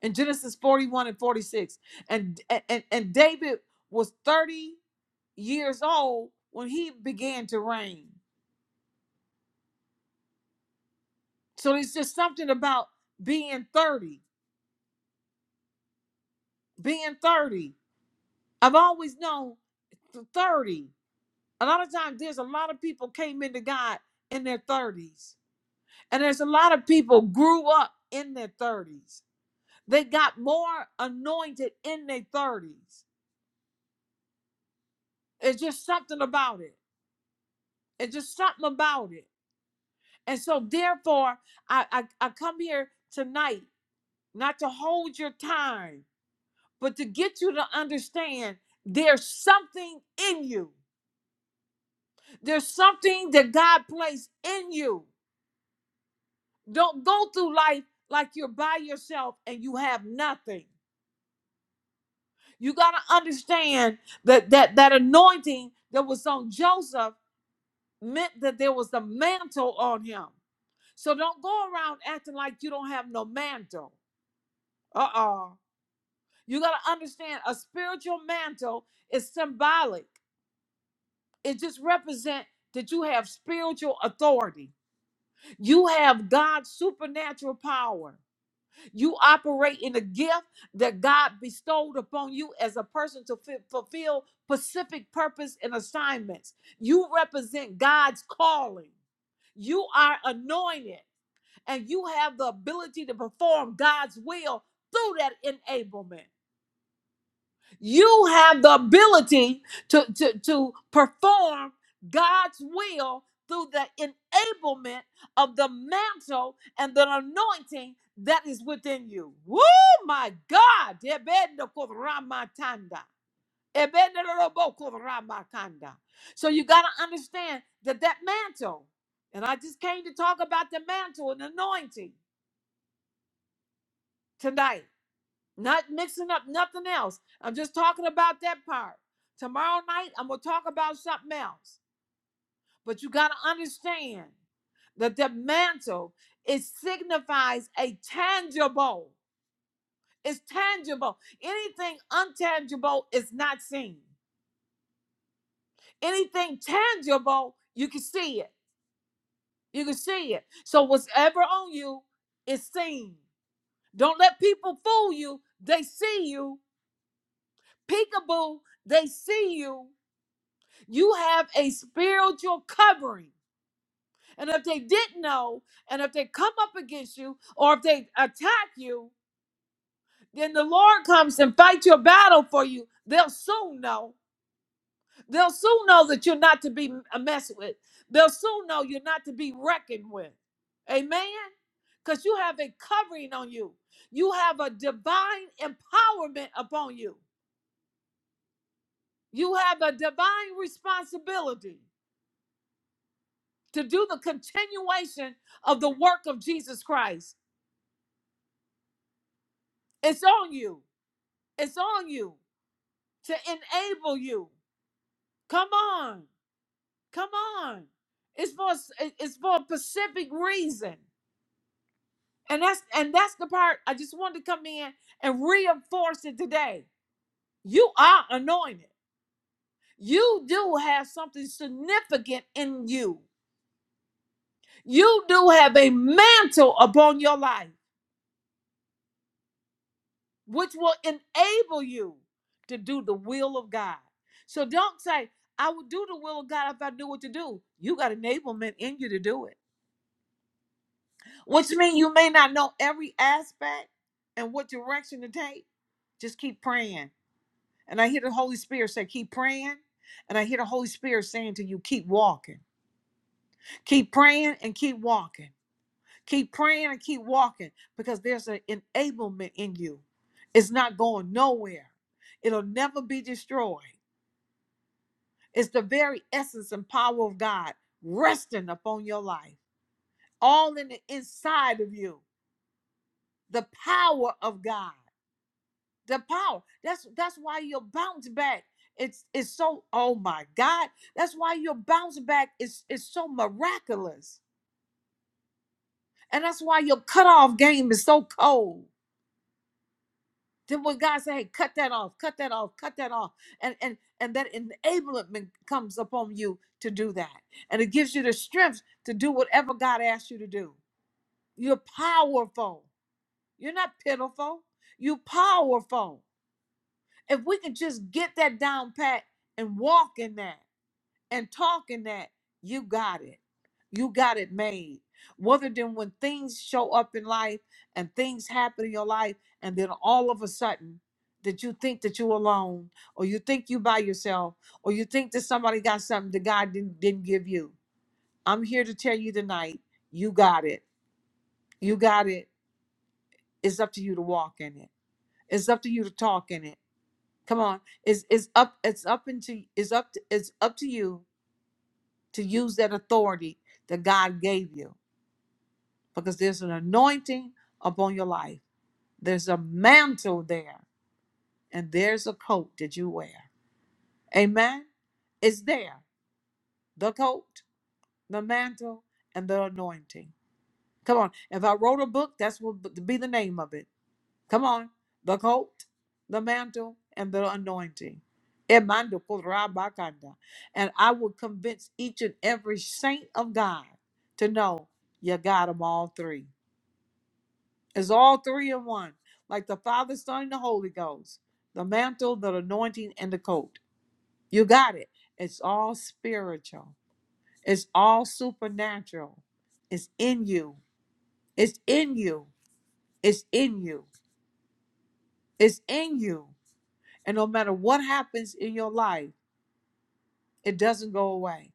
in Genesis 41 and 46. And, and, and David was 30 years old when he began to reign. So it's just something about being 30, being 30. I've always known 30. A lot of times there's a lot of people came into God in their 30s. And there's a lot of people grew up in their 30s They got more anointed in their 30s. It's just something about it. It's just something about it. And so, therefore, I, I, I come here tonight not to hold your time, but to get you to understand there's something in you. There's something that God placed in you. Don't go through life like you're by yourself and you have nothing. You got to understand that, that that anointing that was on Joseph meant that there was a mantle on him. So don't go around acting like you don't have no mantle. Uh uh You got to understand a spiritual mantle is symbolic, it just represents that you have spiritual authority, you have God's supernatural power, you operate in a gift that God bestowed upon you as a person to fi- fulfill specific purpose and assignments. You represent God's calling. You are anointed. and you have the ability to perform God's will through that enablement. You have the ability to, to, to perform God's will through the enablement of the mantle and the anointing that is within you. Woo, my God. Ebenokuramatanda. Ebenerobokuramakanda. So you got to understand that that mantle, and I just came to talk about the mantle and anointing tonight not mixing up nothing else. I'm just talking about that part. Tomorrow night, I'm going to talk about something else. But you got to understand that the mantle, it signifies a tangible. It's tangible. Anything untangible is not seen. Anything tangible, you can see it. You can see it. So whatever on you is seen. Don't let people fool you. They see you. Peekaboo, they see you You have a spiritual covering. And if they didn't know, and if they come up against you, or if they attack you, then the Lord comes and fight your battle for you. They'll soon know. They'll soon know that you're not to be m- messed with. They'll soon know you're not to be reckoned with. Amen? Because you have a covering on you. You have a divine empowerment upon you. You have a divine responsibility. to do the continuation of the work of Jesus Christ. It's on you. It's on you to enable you. Come on. Come on. It's for it's for a specific reason. And that's and that's the part I just wanted to come in and reinforce it today. You are anointed. You do have something significant in you. You do have a mantle upon your life. which will enable you to do the will of God. So don't say, I would do the will of God if I knew what to do. You got enablement in you to do it, which means you may not know every aspect and what direction to take. Just keep praying. And I hear the Holy Spirit say, keep praying. And I hear the Holy Spirit saying to you, keep walking, keep praying and keep walking. Keep praying and keep walking because there's an enablement in you. It's not going nowhere, it'll never be destroyed. It's the very essence and power of God resting upon your life, all in the inside of you. The power of God, the power. That's that's why your bounce back. It's it's so oh my God. That's why your bounce back is is so miraculous, and that's why your cutoff game is so cold Then when God say, "Hey, cut that off, cut that off, cut that off," and and and that enablement comes upon you to do that, and it gives you the strength to do whatever God asks you to do. You're powerful. You're not pitiful. You're powerful. If we can just get that down pat and walk in that and talking that you got it. You got it made. Rather than when things show up in life and things happen in your life, and then all of a sudden that you think that you're alone, or you think you by yourself, or you think that somebody got something that God didn't, didn't give you. I'm here to tell you tonight, you got it. You got it. It's up to you to walk in it. It's up to you to talk in it. Come on. It's it's up, it's up into it's up to, it's up to you to use that authority that God gave you because there's an anointing upon your life. There's a mantle there and there's a coat that you wear. Amen. It's there. The coat, the mantle, and the anointing. Come on. If I wrote a book, that's what would be the name of it. Come on. The coat, the mantle, and the anointing. Emando korabakanda. And I will convince each and every saint of God to know you got them all three. It's all three in one, like the Father, Son, and the Holy Ghost. The mantle, the anointing, and the coat. You got it. It's all spiritual. It's all supernatural. It's in you. It's in you. It's in you. It's in you. And no matter what happens in your life, it doesn't go away.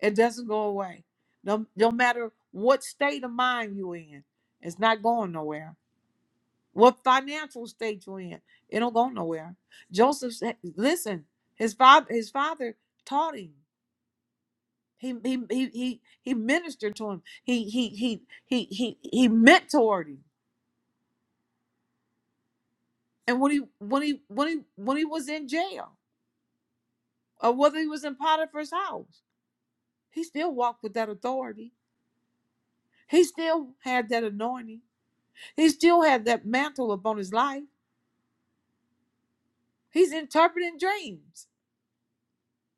It doesn't go away. No, no matter what state of mind you're in, it's not going nowhere. What financial state you're in, it don't go nowhere. Joseph said, listen, his father, his father taught him. He he he he, he ministered to him. He he he he he he mentored him. And when he when he when he when he was in jail, or whether he was in Potiphar's house, he still walked with that authority He still had that anointing. He still had that mantle upon his life. He's interpreting dreams.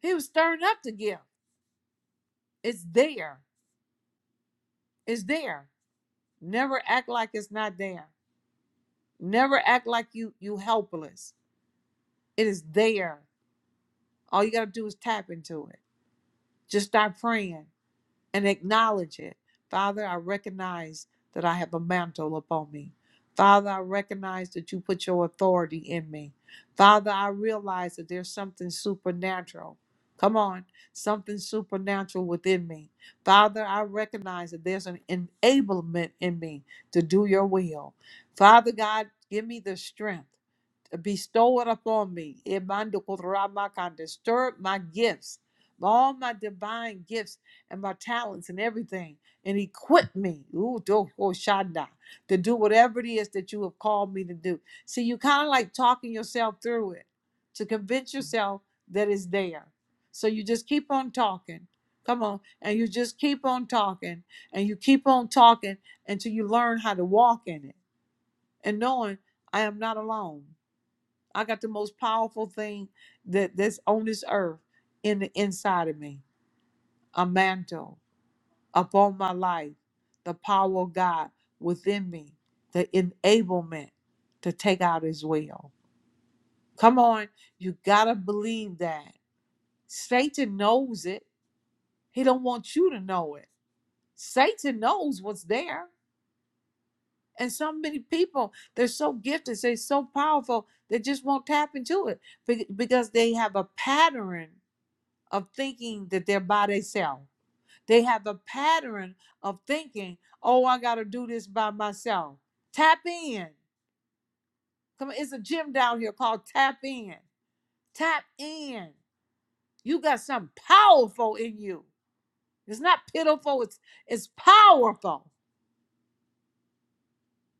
He was stirring up the gift. It's there. It's there. Never act like it's not there. Never act like you you helpless. It is there. All you gotta do is tap into it. Just start praying. and acknowledge it. Father, I recognize that I have a mantle upon me. Father, I recognize that you put your authority in me. Father, I realize that there's something supernatural. Come on, something supernatural within me. Father, I recognize that there's an enablement in me to do your will. Father God, give me the strength bestow it upon me. Emandokoramakan, Disturb my gifts, all my divine gifts and my talents and everything, and equip me ooh, do- oh, to do whatever it is that you have called me to do. See, you kind of like talking yourself through it to convince yourself that it's there. So you just keep on talking. Come on. And you just keep on talking and you keep on talking until you learn how to walk in it and knowing I am not alone. I got the most powerful thing that that's on this earth in the inside of me, a mantle upon my life, the power of God within me, the enablement to take out His will. Come on, you gotta believe that. Satan knows it. He don't want you to know it. Satan knows what's there. And so many people, they're so gifted, they're so powerful, they just won't tap into it be- because they have a pattern of thinking that they're by themselves. They have a pattern of thinking, oh, I got to do this by myself. Tap in. Come on, it's a gym down here called Tap In. Tap in. You got something powerful in you. It's not pitiful, it's, it's powerful.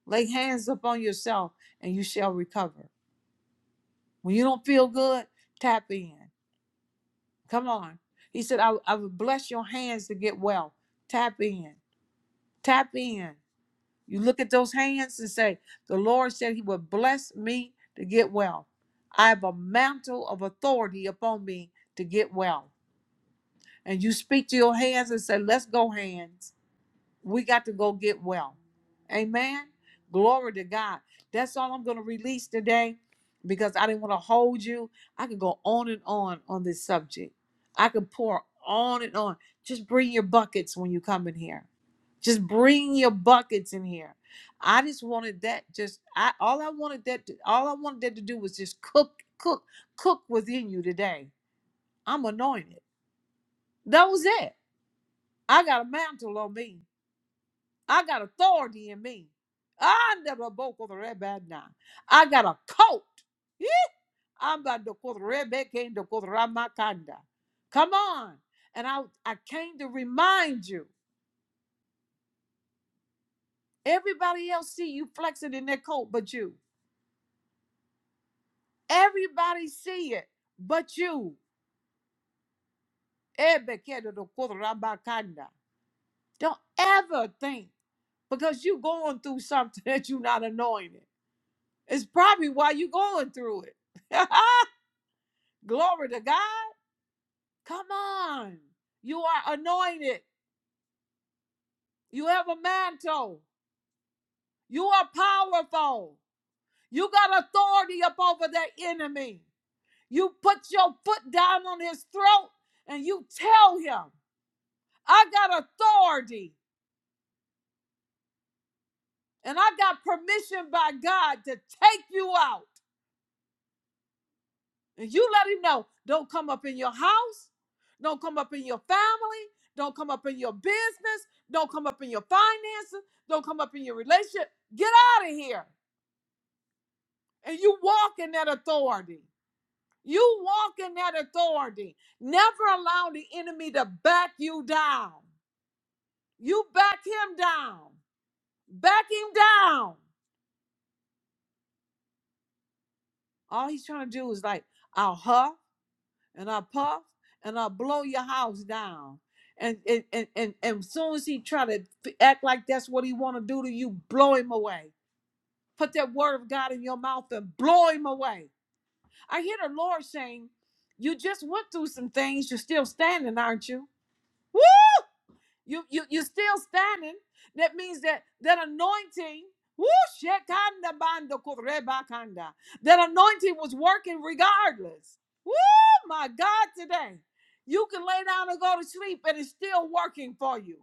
Lay hands upon yourself and you shall recover. When you don't feel good, tap in. Come on. He said, I, I will bless your hands to get well. Tap in. Tap in. You look at those hands and say, The Lord said he would bless me to get well. I have a mantle of authority upon me to get well. And you speak to your hands and say, Let's go, hands. We got to go get well. Amen. Glory to God. That's all I'm going to release today because I didn't want to hold you. I could go on and on on this subject. I could pour on and on. Just bring your buckets when you come in here. Just bring your buckets in here. I just wanted that just I all I wanted that to, all I wanted that to do was just cook cook cook within you today. I'm anointed. That was it. I got a mantle on me. I got authority in me. I never broke with the rabbi now. I got a coat. Yeah. I'm about to quote Rebbe came to call the Ramakanda. Come on. And I, I came to remind you. Everybody else see you flexing in their coat but you. Everybody see it but you. Rebbe came to quote Ramakanda. Don't ever think because you going through something that you're not anointed. It's probably why you are going through it. Glory to God. Come on. You are anointed. You have a mantle. You are powerful. You got authority up over that enemy. You put your foot down on his throat and you tell him, I got authority and I got permission by God to take you out. And you let him know don't come up in your house, don't come up in your family, don't come up in your business, don't come up in your finances, don't come up in your relationship. Get out of here. and you walk in that authority. You walk in that authority. Never allow the enemy to back you down. You back him down. Back him down. All he's trying to do is like, I'll huff and I'll puff and I'll blow your house down. And and and and, and as soon as he try to act like that's what he want to do to you, blow him away. Put that word of God in your mouth and blow him away I hear the Lord saying, You just went through some things, you're still standing, aren't you? Woo! You you you're still standing. That means that that anointing, woo, shekanda banda kureba kanda. that anointing was working regardless. Woo, my God, today. You can lay down and go to sleep, and it's still working for you.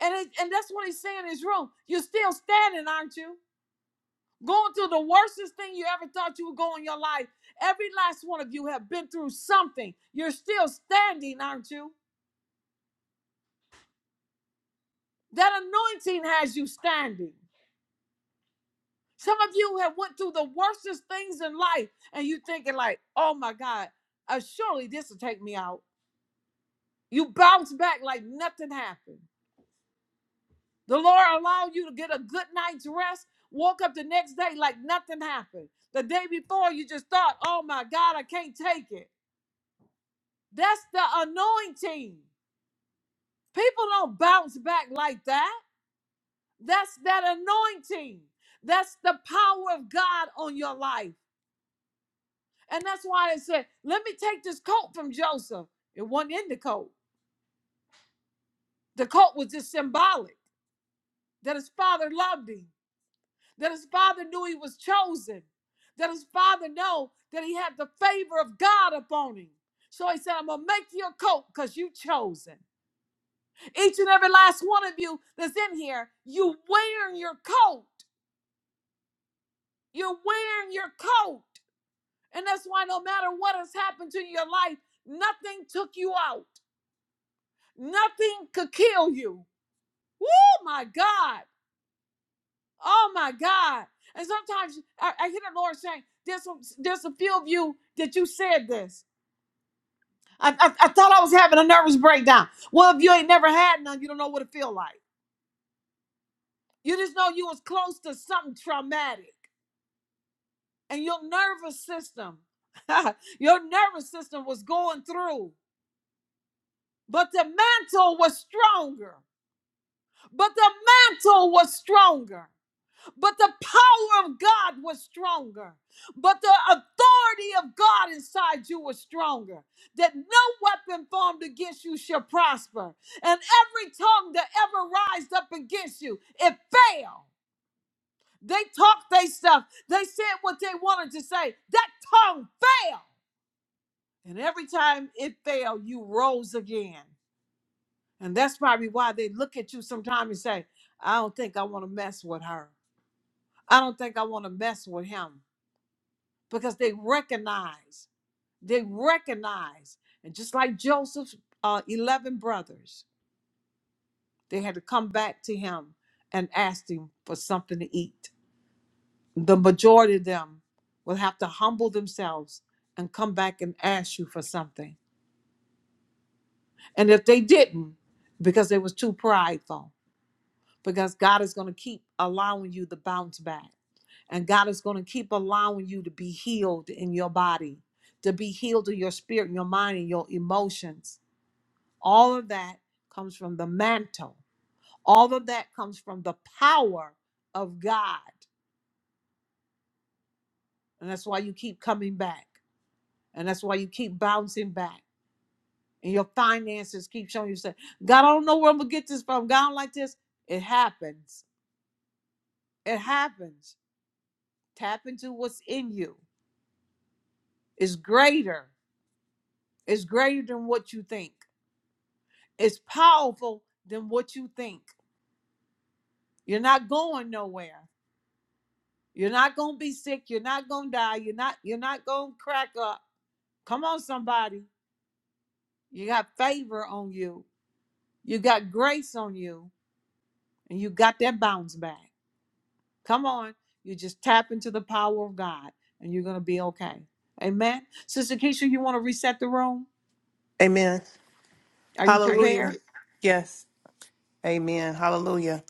And it, and that's what he's saying in his room. You're still standing, aren't you? going through the worstest thing you ever thought you would go in your life. Every last one of you have been through something. You're still standing, aren't you? That anointing has you standing. Some of you have went through the worstest things in life, and you are thinking like, "Oh my God, uh, surely this will take me out." You bounce back like nothing happened. The Lord allowed you to get a good night's rest. Woke up the next day like nothing happened. The day before, you just thought, "Oh my God, I can't take it." That's the anointing. People don't bounce back like that. That's that anointing. That's the power of God on your life. And that's why I said, let me take this coat from Joseph. It wasn't in the coat. The coat was just symbolic that his father loved him, that his father knew he was chosen, that his father knew that he had the favor of God upon him. So he said, I'm going to make you a coat because you chosen. Each and every last one of you that's in here, you are wearing your coat. You're wearing your coat. And that's why no matter what has happened to your life, nothing took you out. Nothing could kill you. Oh my God. Oh my God. And sometimes I, I hear the Lord saying, there's, some, there's a few of you that you said this. I, I, I thought I was having a nervous breakdown. Well, if you ain't never had none, you don't know what it feel like. You just know you was close to something traumatic. and your nervous system, your nervous system was going through, but the mantle was stronger. But the mantle was stronger. But the power of God was stronger. But the authority of God inside you was stronger. That no weapon formed against you shall prosper. And every tongue that ever rised up against you, it fell. They talked they stuff. They said what they wanted to say. That tongue fell. And every time it failed, you rose again. And that's probably why they look at you sometimes and say, I don't think I want to mess with her. I don't think I want to mess with him. Because they recognize, they recognize. And just like Joseph's uh, 11 brothers, they had to come back to him and ask him for something to eat. The majority of them will have to humble themselves and come back and ask you for something. And if they didn't, because they was too prideful, because God is going to keep allowing you to bounce back. And God is going to keep allowing you to be healed in your body, to be healed in your spirit, in your mind, and your emotions. All of that comes from the mantle. All of that comes from the power of God. And that's why you keep coming back. And that's why you keep bouncing back. And your finances keep showing you, say, God, I don't know where I'm going to get this from. God, I don't like this. It happens. It happens. Tap into what's in you It's greater. It's greater than what you think. It's powerful than what you think. You're not going nowhere. You're not gonna be sick. You're not gonna die. You're not you're not gonna crack up. Come on, somebody. You got favor on you. You got grace on you, and you got that bounce back. Come on. You just tap into the power of God and you're gonna be okay. Amen. Sister Keisha, you wanna reset the room?
Amen.
Are you
Hallelujah.
prepared?
Yes. Amen. Hallelujah.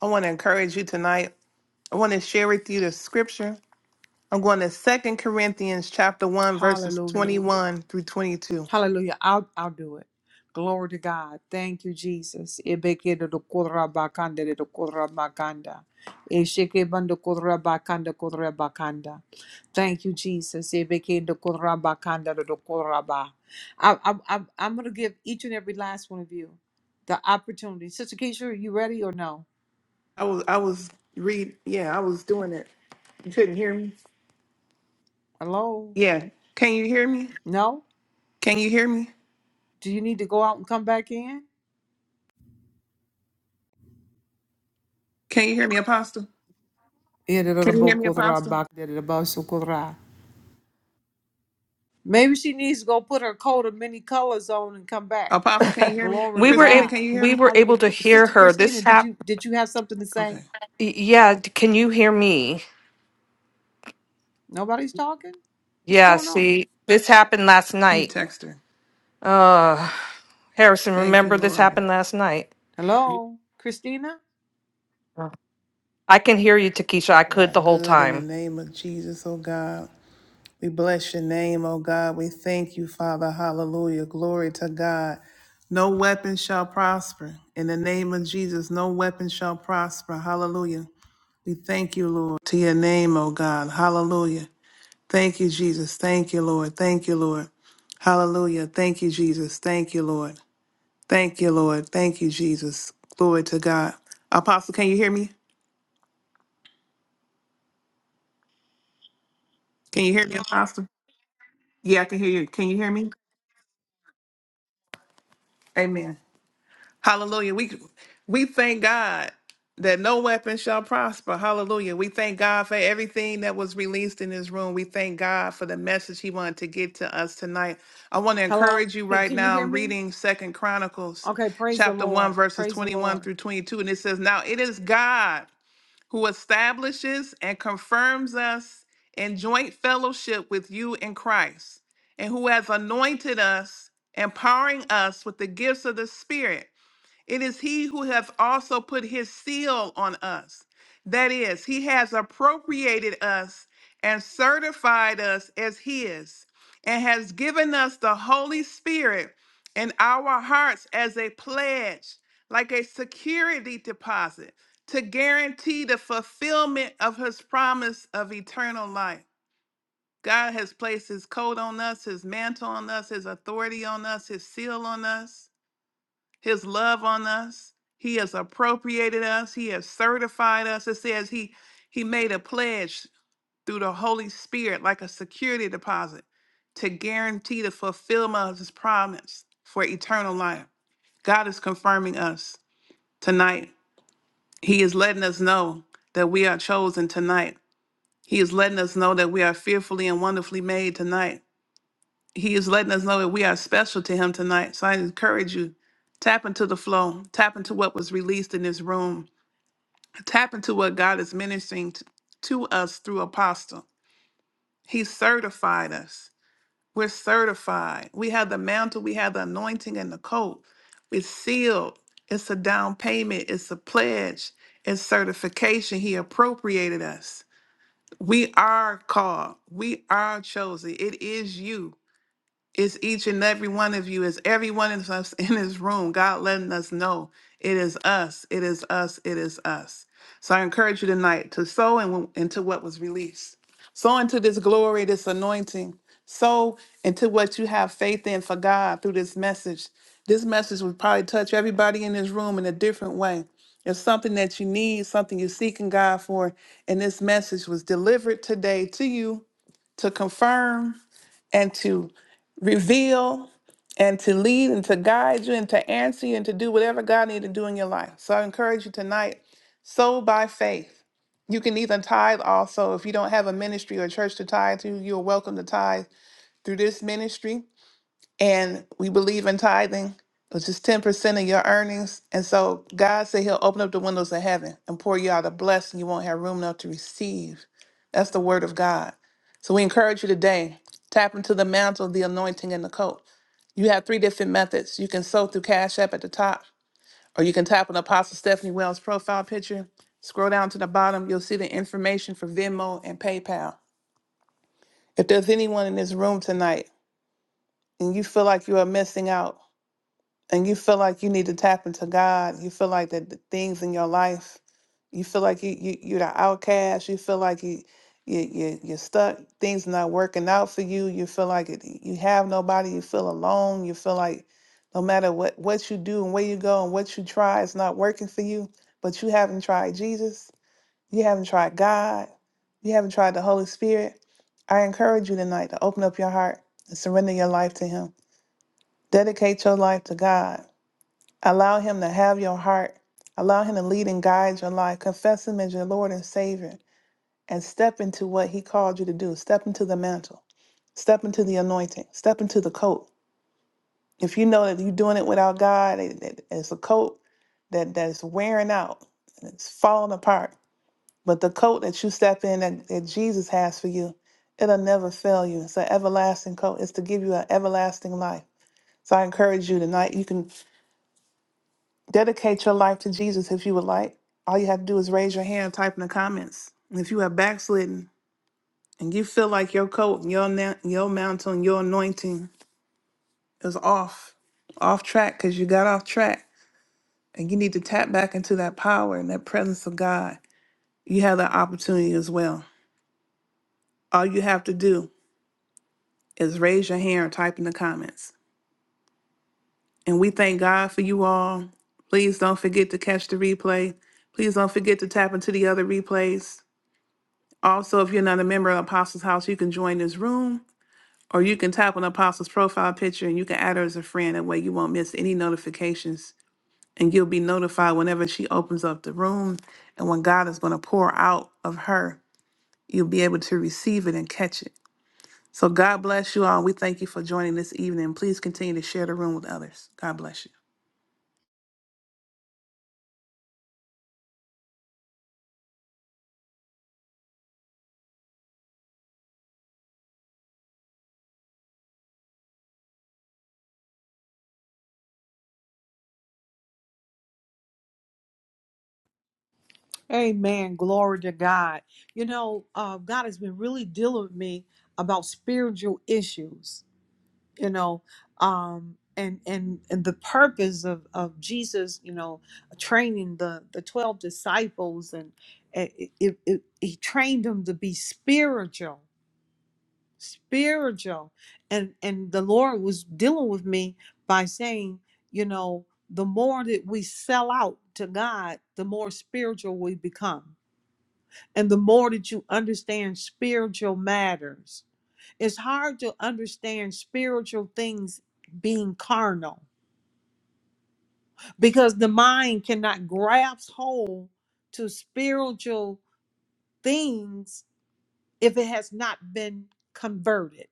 I want to encourage you tonight. I want to share with you the scripture. I'm going to Second Corinthians chapter 1 verses
Hallelujah.
21 through 22.
Hallelujah. I'll I'll do it. Glory to God. Thank you, Jesus. do do kodra bakanda de do kodra bakanda, Ebekedodokorabakanda, bakanda Eshekebandokorabakanda, bakanda. Thank you, Jesus. do do kodra bakanda Ebekedokorabakanda, ba. I, I, I'm, I'm going to give each and every last one of you the opportunity. Sister Keisha, are you ready or no?
I was I was read yeah, I was doing it. You couldn't hear me?
Hello?
Yeah. Can you hear me?
No?
Can you hear me?
Do you need to go out and come back in?
Can you hear me, Apostle?
Ere do do
Can you
bo
hear me,
kodra
Apostle?
bakanda de do bo so kodra. Maybe she needs to go put her coat of many colors on and come back.
Apostle, can you hear me?
Glory to
we were
Christina,
able
God.
can you hear
we
me?
were
Hallelujah.
able to hear
Sister
her.
Christina,
This
did
hap
you did you have something to say?
Okay.
y- yeah, d- can you hear me?
Nobody's talking? What's
Yeah,
going on?
see, this happened last
Let me
night.
text her.
Uh Harrison,
Thank you,
remember this
Lord.
happened last night.
Hello, Christina?
Uh, I can hear you, Takesha. I
for
could
our
the whole
good in the
time.
name of Jesus, oh God. We bless your name, oh God. We thank you, Father. Hallelujah. Glory to God. No weapon shall prosper. In the name of Jesus, no weapon shall prosper. Hallelujah. We thank you, Lord, to your name, oh God. Hallelujah. Thank you, Jesus. Thank you, Lord. Thank you, Lord. Hallelujah. Thank you, Jesus. Thank you, Lord. Thank you, Lord. Thank you, Jesus. Glory to God. Apostle, can you hear me? Can you hear me, Apostle? Yeah, I can hear you. Can you hear me? Amen. Hallelujah. We we thank God that no weapon shall prosper. Hallelujah. We thank God for everything that was released in this room. We thank God for the message he wanted to get to us tonight. I want to
Hello?
encourage you
Can,
right
can you
now.
hear
I'm
me?
reading Second Chronicles
Okay, praise the
chapter 1
Lord.
verses
Praise the
21
Lord.
through 22 and it says, "Now it is God who establishes and confirms us in joint fellowship with you in Christ, and who has anointed us, empowering us with the gifts of the Spirit it is he who has also put his seal on us. That is, he has appropriated us and certified us as his, and has given us the Holy Spirit in our hearts as a pledge, like a security deposit, to guarantee the fulfillment of his promise of eternal life. God has placed his coat on us, his mantle on us, his authority on us, his seal on us his love on us. He has appropriated us. He has certified us. It says he he made a pledge through the Holy Spirit like a security deposit to guarantee the fulfillment of his promise for eternal life. God is confirming us tonight. He is letting us know that we are chosen tonight. He is letting us know that we are fearfully and wonderfully made tonight he is letting us know that we are special to him tonight. So I encourage you, tap into the flow, tap into what was released in this room, tap into what God is ministering t- to us through Apostle. He certified us. We're certified. We have the mantle, we have the anointing and the coat. It's sealed. It's a down payment. It's a pledge. It's certification. He appropriated us. We are called. We are chosen. It is you. It's each and every one of you. It's every one of us in this room. God letting us know it is us. It is us. It is us. So I encourage you tonight to sow in- into what was released. Sow into this glory, this anointing. Sow into what you have faith in for God through this message. This message will probably touch everybody in this room in a different way. It's something that you need, something you're seeking God for. And this message was delivered today to you to confirm and to reveal and to lead and to guide you and to answer you and to do whatever God needed to do in your life. So I encourage you tonight, sow by faith. You can even tithe also. If you don't have a ministry or church to tithe to, you're welcome to tithe through this ministry and we believe in tithing, which is 10% of your earnings. And so God said He'll open up the windows of heaven and pour you out a blessing you won't have room enough to receive. That's the word of God. So we encourage you today tap into the mantle, the anointing, and the coat. You have three different methods. You can sow through Cash App at the top, or you can tap on Apostle Stephanie Wells' profile picture. Scroll down to the bottom, you'll see the information for Venmo and PayPal. If there's anyone in this room tonight and you feel like you are missing out, and you feel like you need to tap into God, you feel like that the things in your life, you feel like you, you you're the outcast, you feel like you you you you're stuck, things not working out for you, you feel like it, you have nobody, you feel alone, you feel like no matter what what you do and where you go and what you try, it's not working for you, but you haven't tried Jesus, you haven't tried God, you haven't tried the Holy Spirit. I encourage you tonight to open up your heart and surrender your life to Him. Dedicate your life to God Allow Him to have your heart. Allow Him to lead and guide your life. Confess Him as your Lord and Savior and step into what He called you to do. Step into the mantle, step into the anointing, step into the coat. If you know that you're doing it without God, it- it- it's a coat that, that's wearing out and it's falling apart. But the coat that you step in that, that Jesus has for you, it'll never fail you. It's an everlasting coat. It's to give you an everlasting life. So I encourage you tonight. You can Dedicate your life to Jesus if you would like. All you have to do is raise your hand, type in the comments. And if you have backslidden and you feel like your coat, and your na- your mountain, your anointing is off, off track because you got off track, and you need to tap back into that power and that presence of God, you have that opportunity as well. All you have to do is raise your hand or type in the comments. And we thank God for you all. Please don't forget to catch the replay. Please don't forget to tap into the other replays. Also, if you're not a member of Apostles House, you can join this room or you can tap on Apostles profile picture and you can add her as a friend. That way you won't miss any notifications and you'll be notified whenever she opens up the room and when God is going to pour out of her, you'll be able to receive it and catch it. So God bless you all. We thank you for joining this evening. Please continue to share the room with others. God bless you.
Amen. Glory to God. You know, uh, God has been really dealing with me about spiritual issues. you know um and and and the purpose of of jesus you know training the the 12 disciples and it, it, it, he trained them to be spiritual spiritual and and the lord was dealing with me by saying you know the more that we sell out to god the more spiritual we become and the more that you understand spiritual matters it's hard to understand spiritual things being carnal because the mind cannot grasp hold to spiritual things if it has not been converted.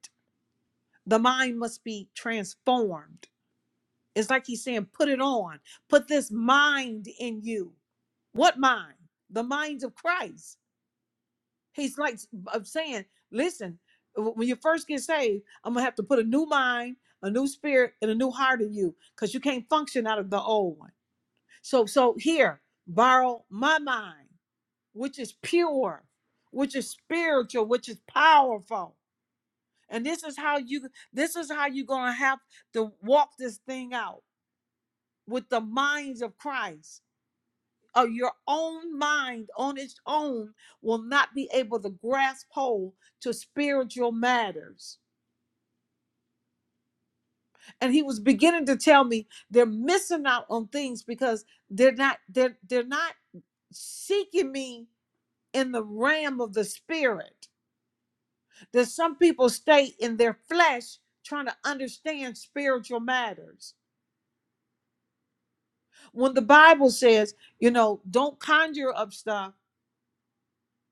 The mind must be transformed. It's like he's saying, put it on, put this mind in you. What mind? The mind of Christ. He's like i I'm saying, listen, when you first get saved, I'm gonna have to put a new mind, a new spirit, and a new heart in you, because you can't function out of the old one. So, so here, borrow my mind, which is pure, which is spiritual, which is powerful. And this is how you this is how you're gonna have to walk this thing out with the minds of Christ or your own mind on its own will not be able to grasp hold to spiritual matters. And he was beginning to tell me they're missing out on things because they're not they're they're not seeking me in the realm of the spirit. That some people stay in their flesh trying to understand spiritual matters. When the Bible says, you know, don't conjure up stuff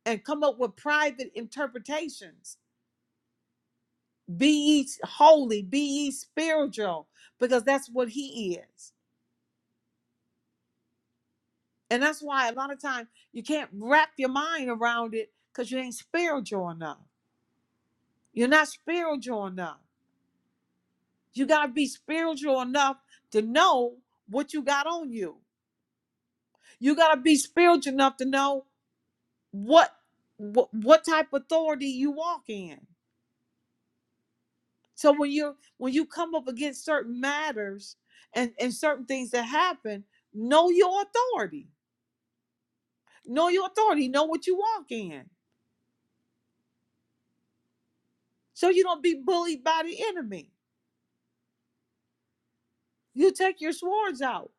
and come up with private interpretations Be ye holy, be ye spiritual, because that's what he is. And that's why a lot of times you can't wrap your mind around it because you ain't spiritual enough. You're not spiritual enough. You got to be spiritual enough to know what you got on you. You got to be spiritual enough to know what, what what type of authority you walk in. So when you when you come up against certain matters and and certain things that happen, know your authority Know your authority. Know what you walk in. So you don't be bullied by the enemy. You take your swords out.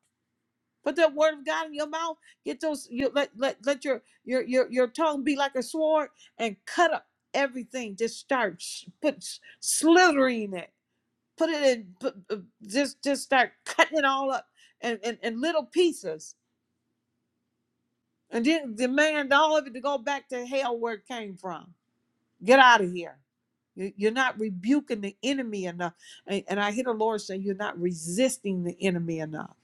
Put that word of God in your mouth. Get those you let let let your your your, your tongue be like a sword and cut up everything. Just start s- put s- slithering it. Put it in put, uh, just just start cutting it all up and in, in, in little pieces. And then demand all of it to go back to hell where it came from Get out of here. You- are not rebuking the enemy enough. And I hear the Lord say, You're not resisting the enemy enough.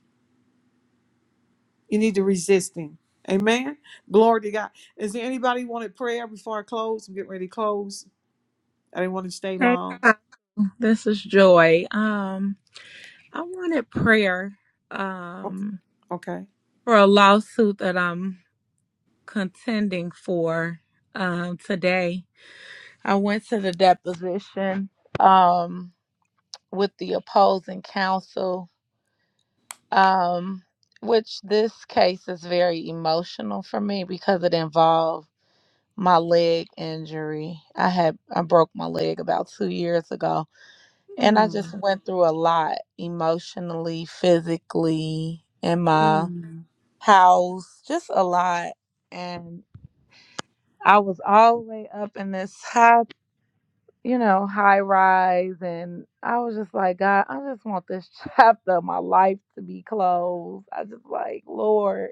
You need to resist him. Amen. Glory to God. Is there anybody who wanted prayer before I close? I'm getting ready to close. I didn't want to stay
Hey,
long.
Apostle. this is Joy. Um, I wanted prayer
Okay.
um,
Okay.
for a lawsuit that I'm contending for um, today. I went to the deposition um, with the opposing counsel, um, which this case is very emotional for me because it involved my leg injury. I had I broke my leg about two years ago And I just
Mm,
went through a lot emotionally, physically, in my
mm,
house, just a lot. And I was all the way up in this high, you know, high rise. And I was just like, God, I just want this chapter of my life to be closed. I just like, Lord,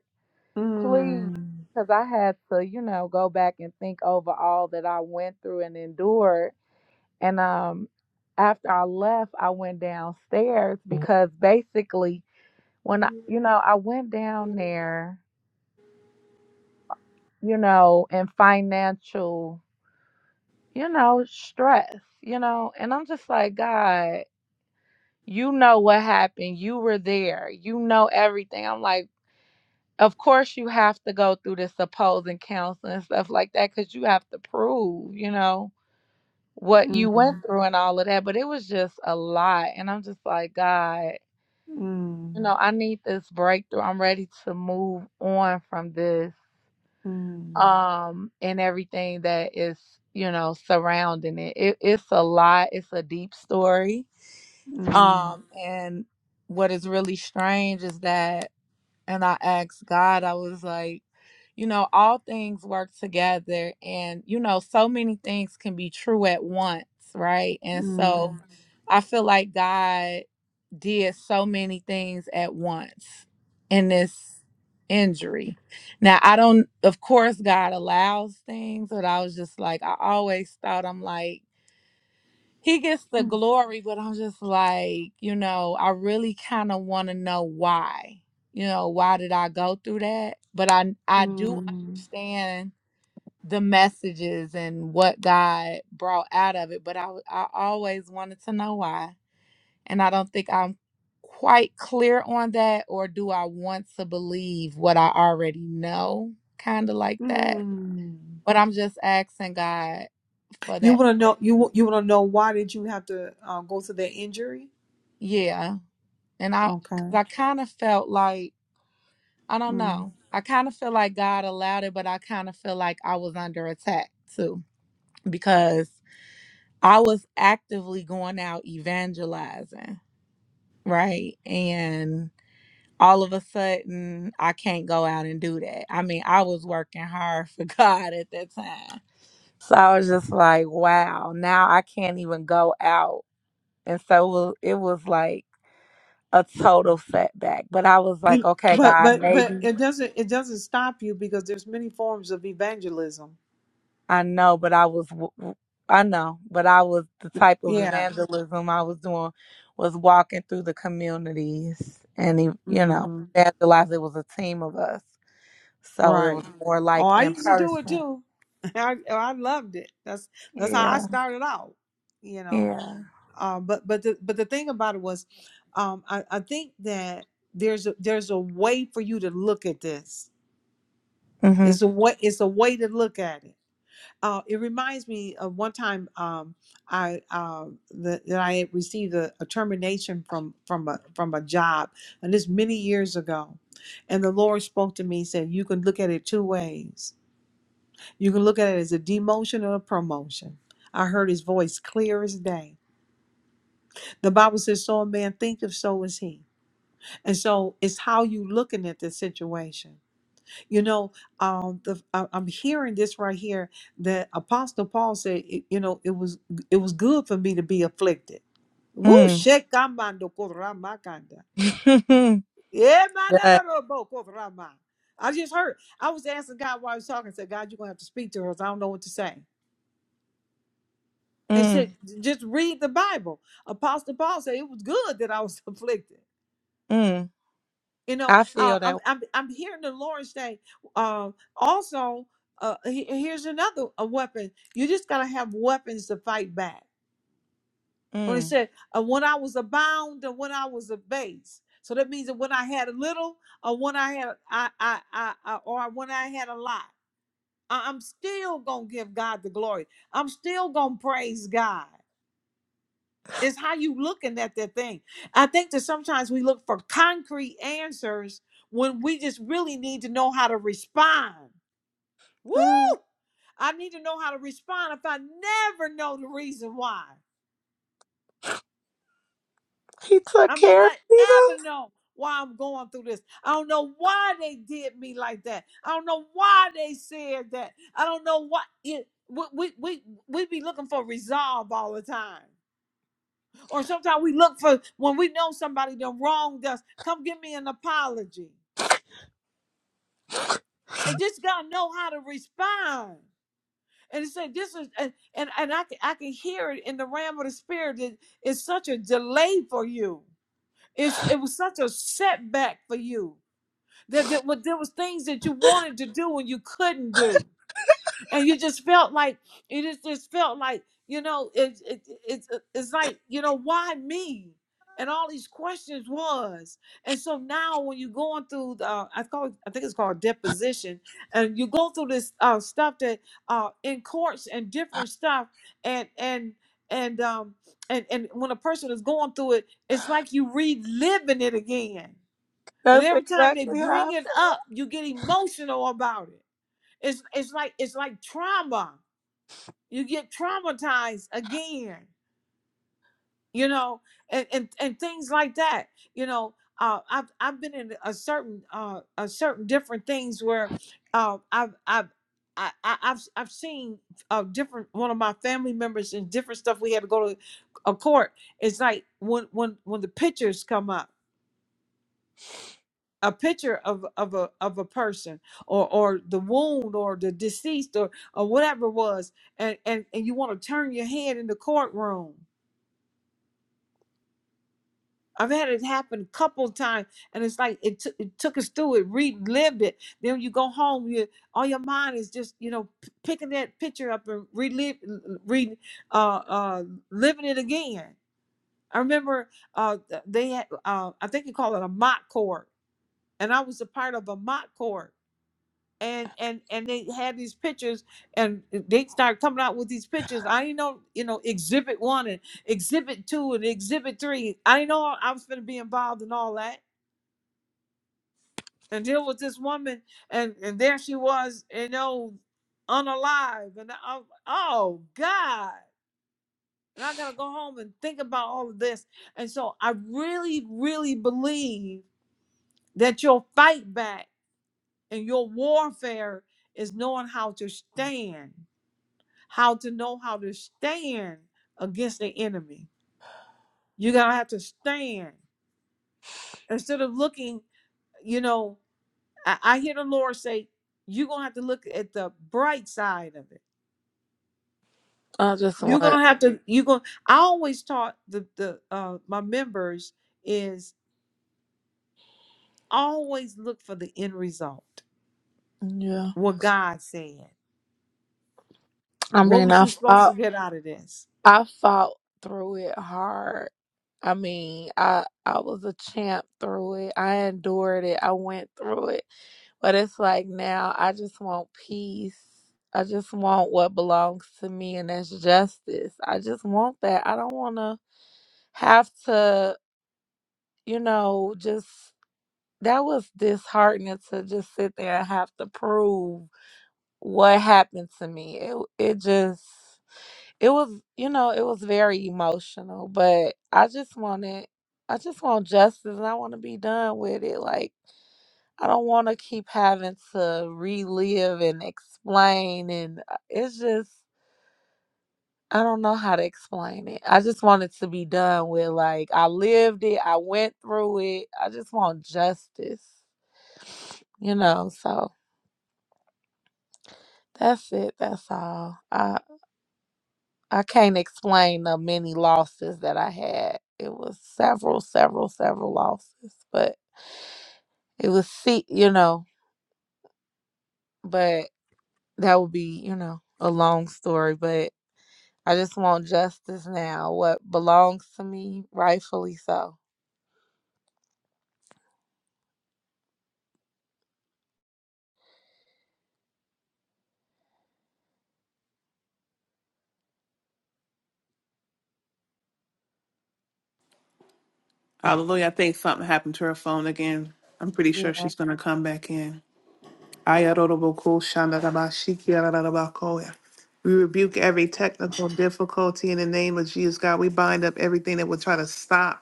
please.
mm,
Because I had to, you know, go back and think over all that I went through and endured And um, after I left, I went downstairs because basically, when I, you know, I went down there, you know, in financial, you know, stress, you know, and I'm just like, God, you know what happened. You were there. You know everything. I'm like, of course you have to go through this opposing counseling and stuff like that because you have to prove, you know, what
mm,
you went
mm,
through and all of that. But it was just a lot. And I'm just like, God. you
mm,
know, I need this breakthrough. I'm ready to move on from this um and everything that is, you know, surrounding it. it it's a lot, it's a deep story.
mm,
Um and what is really strange is that and I asked God, I was like, you know, all things work together and you know, so many things can be true at once, right? And so
mm,
I feel like God did so many things at once in this injury. Now, I don't, of course, God allows things, but I was just like, I always thought I'm like, He gets the glory, but I'm just like, you know, I really kind of want to know why. You know, why did I go through that? But I, I do
mm,
understand the messages and what God brought out of it, but I, I always wanted to know why. And I don't think I'm quite clear on that, or do I want to believe what I already know? Kind of like
mm,
that.
mm.
But I'm just asking God for
You
that.
want to know you you want to know why did you have to uh, go through that injury?
Yeah. And I, cause
Okay.
I kind of felt like, I don't
Mm.
know. I kind of feel like God allowed it, but I kind of feel like I was under attack too, because I was actively going out evangelizing, right? And all of a sudden I can't go out and do that. I mean, I was working hard for God at that time. So I was just like, wow, now I can't even go out. And so it was, it was like a total setback. But I was like,
You-
okay,
but
God,
but but
maybe
it doesn't it doesn't stop you because there's many forms of evangelism.
I know, but I was, w- w- I know, but I was the type of
Yeah.
evangelism I was doing was walking through the communities and, e, you know,
hmm
evangelizing. It was a team of us. So it
Right.
was more
Oh,
like
I
in
used to do it
person.
too. I I loved it. That's that's how I
Yeah.
started out. You know.
Yeah.
Uh, but but the but the thing about it was, um, I, I think that there's a there's a way for you to look at this.
Mm-hmm.
It's a way it's a way to look at it Uh, it reminds me of one time um, I uh, that, that I had received a, a termination from from a from a job, and this many years ago. And the Lord spoke to me, said, "You can look at it two ways. You can look at it as a demotion or a promotion." I heard His voice clear as day. The Bible says, "So a man thinketh, so is he." And so it's how you looking at the situation. You know, um, the, I, I'm hearing this right here that Apostle Paul said, it- you know, it was it was good for me to be afflicted. Woo,
Mm.
shekamando koramakanda. Yeah,
yeah.
korama. I just heard. I was asking God while I was talking. I said, God, you're gonna have to speak to her. 'cause I don't know what to say. And said,
Mm.
just read the Bible. Apostle Paul said it was good that I was afflicted.
Mm.
You know,
I
uh,
feel
I'm,
that.
I'm I'm hearing the Lord say, uh, also, uh, he- here's another a weapon. You just gotta have weapons to fight back. When he
Mm.
said, uh, when I was abound and when I was abased. So that means that when I had a little, or when I had, I, I, I, I or when I had a lot, I- I'm still gonna give God the glory. I'm still gonna praise God. It's how you looking at that thing. I think that sometimes we look for concrete answers when we just really need to know how to respond. Woo!
Mm.
I need to know how to respond if I never know the reason why.
He took
I may
care of
not
me though.
ever know why I'm going through this. I don't know why they did me like that. I don't know why they said that. I don't know what it, we, we we we be looking for resolve all the time. Or sometimes we look for when we know somebody done wronged us, come give me an apology. And just gotta know how to respond. And he said, this is and and, and I can I can hear it in the realm of the spirit. It, it's such a delay for you. It's it was such a setback for you. That, that what- there was things that you wanted to do and you couldn't do. and you just felt like it is just felt like you know it, it, it's uh, it's like you know why me and all these questions was and so now when you're going through the, uh, i call it, i think it's called deposition and you go through this uh, stuff that uh, in courts and different stuff and and and um and and when a person is going through it it's like you reliving it again and
That's
every time they
exactly
bring
how.
it up you get emotional about it it's it's like it's like trauma you get traumatized again you know and and, and things like that you know uh, I've I've been in a certain uh, a certain different things where uh, I've I've I, I- I've I've seen uh, different one of my family members and different stuff. We had to go to a court. It's like when when when the pictures come up a picture of of a of a person or or the wound or the deceased or or whatever it was and and, and you want to turn your head in the courtroom i've had it happen a couple times and it's like it, took it took us through it relived it then you go home you all your mind is just you know p- picking that picture up and relive re uh uh living it again i remember uh th- they had uh i think you call it a mock court and i was a part of a mock court and and and they had these pictures and they start coming out with these pictures i didn't know you know exhibit one and exhibit two and exhibit three i didn't know i was going to be involved in all that and deal with this woman and and there she was you know unalive and I, oh god and i gotta go home and think about all of this and so i really really believe that your fight back and your warfare is knowing how to stand how to know how to stand against the enemy. You're going to have to stand instead of looking, you know, I, I hear the Lord say, you're going to have to look at the bright side of it.
I, I just
You're going to
want.
have to, you're going, I always taught the, the, uh, my members is always look for the end result.
Yeah.
What God said,
I
what
mean,
was
I
you supposed to
fought.
get out of this?
I fought through it hard. I mean, I I was a champ through it. I endured it. I went through it. But it's like now I just want peace. I just want what belongs to me, and that's justice. I just want that. I don't want to have to, you know, just that was disheartening to just sit there and have to prove what happened to me. It it just it was, you know, it was very emotional, but I just wanted I just want justice and I want to be done with it. Like I don't want to keep having to relive and explain. And uh, it's just, I don't know how to explain it. I just want it to be done with, like, I lived it, I went through it. I just want justice, you know? So that's it. That's all. I, I can't explain the many losses that I had. It was several, several, several losses, but it was, see, you know, but that would be, you know, a long story. But I just want justice now, what belongs to me, rightfully so.
Hallelujah. I think something happened to her phone again. I'm pretty
Yeah.
sure she's going to come back in. Ayaroroboko shandarabashiki ararabakoya. We rebuke every technical difficulty in the name of Jesus, God. We bind up everything that would try to stop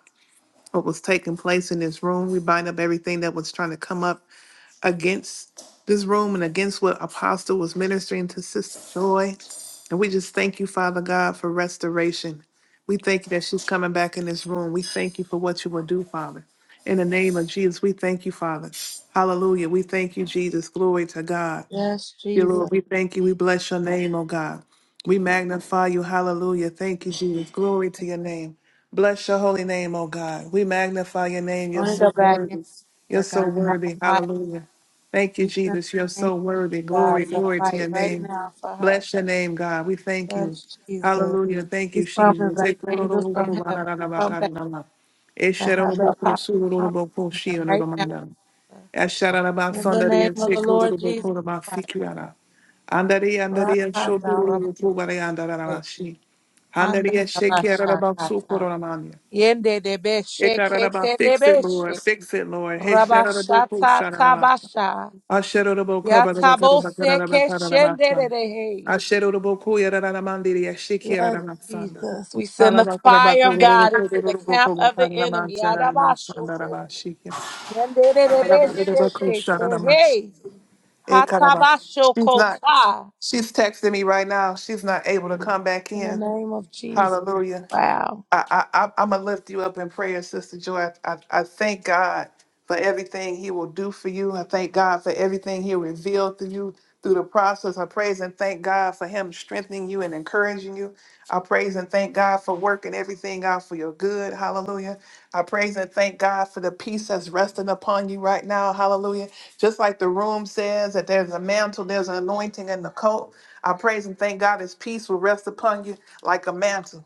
what was taking place in this room. We bind up everything that was trying to come up against this room and against what Apostle was ministering to Sister Joy. And we just thank you, Father God, for restoration. We thank you that she's coming back in this room. We thank you for what you will do, Father. In the name of Jesus, we thank you, Father. Hallelujah. We thank you, Jesus. Glory to God
Yes,
you, Lord.
Jesus.
We thank you. We bless your name, oh God. We magnify you. Hallelujah. Thank you, Jesus. Glory to your name. Bless your holy name, oh God. We magnify your name.
I
You're
want to
so
go back in
worthy. You're
for God.
so worthy.
Almighty,
Hallelujah. Thank you,
we send
Jesus. You're so
thank
worthy.
God
Glory,
to
glory to
fight
your
right
name.
now for her.
Bless your name, God. We thank you.
Yes, Jesus.
Hallelujah. Thank
We
you,
summon
Jesus.
the angels from heaven. Come back to have the apostle come back here right now.
Esharabasandariya,
sir. In the name of the Lord Jesus
Sekurubakura,
Christ.
Mafikiara. Andari andari el shoturu
Rakandarabate,
tubare andaranashi. Andari shake araba
handarabashakata,
sukuramania. Ekaraba fix it Lord,
yendedebesheketedebeshe.
fix it Lord. Hey sharabo
Rabashata
kusharaba.
Tabasha.
Asherabo kabaraba karabakaraba
Yataboseke
karabatan.
Shenderehe.
Asherabo kuyararamandiri
Yes,
ashikiramsanda.
Jesus. We send the fire of God into the camp
Alabakarabakurukuru
of the enemy. Adabashoko.
karabakaramansharamanshandarabashi.
Yenderebesheke
Alabakarabakusharamansh.
Tehe.
It kind she's
Hatabashoko
not
Ta.
she's texting me right now. She's not able to come back
In the
in.
name of Jesus.
Hallelujah.
Wow.
I, I, I'm gonna lift you up in prayer, Sister Joy. I, I, thank God for everything He will do for you. I thank God for everything He revealed to you through the process. I praise and thank God for Him strengthening you and encouraging you. I praise and thank God for working everything out for your good. Hallelujah. I praise and thank God for the peace that's resting upon you right now. Hallelujah. Just like the room says that there's a mantle, there's an anointing in the coat. I praise and thank God His peace will rest upon you like a mantle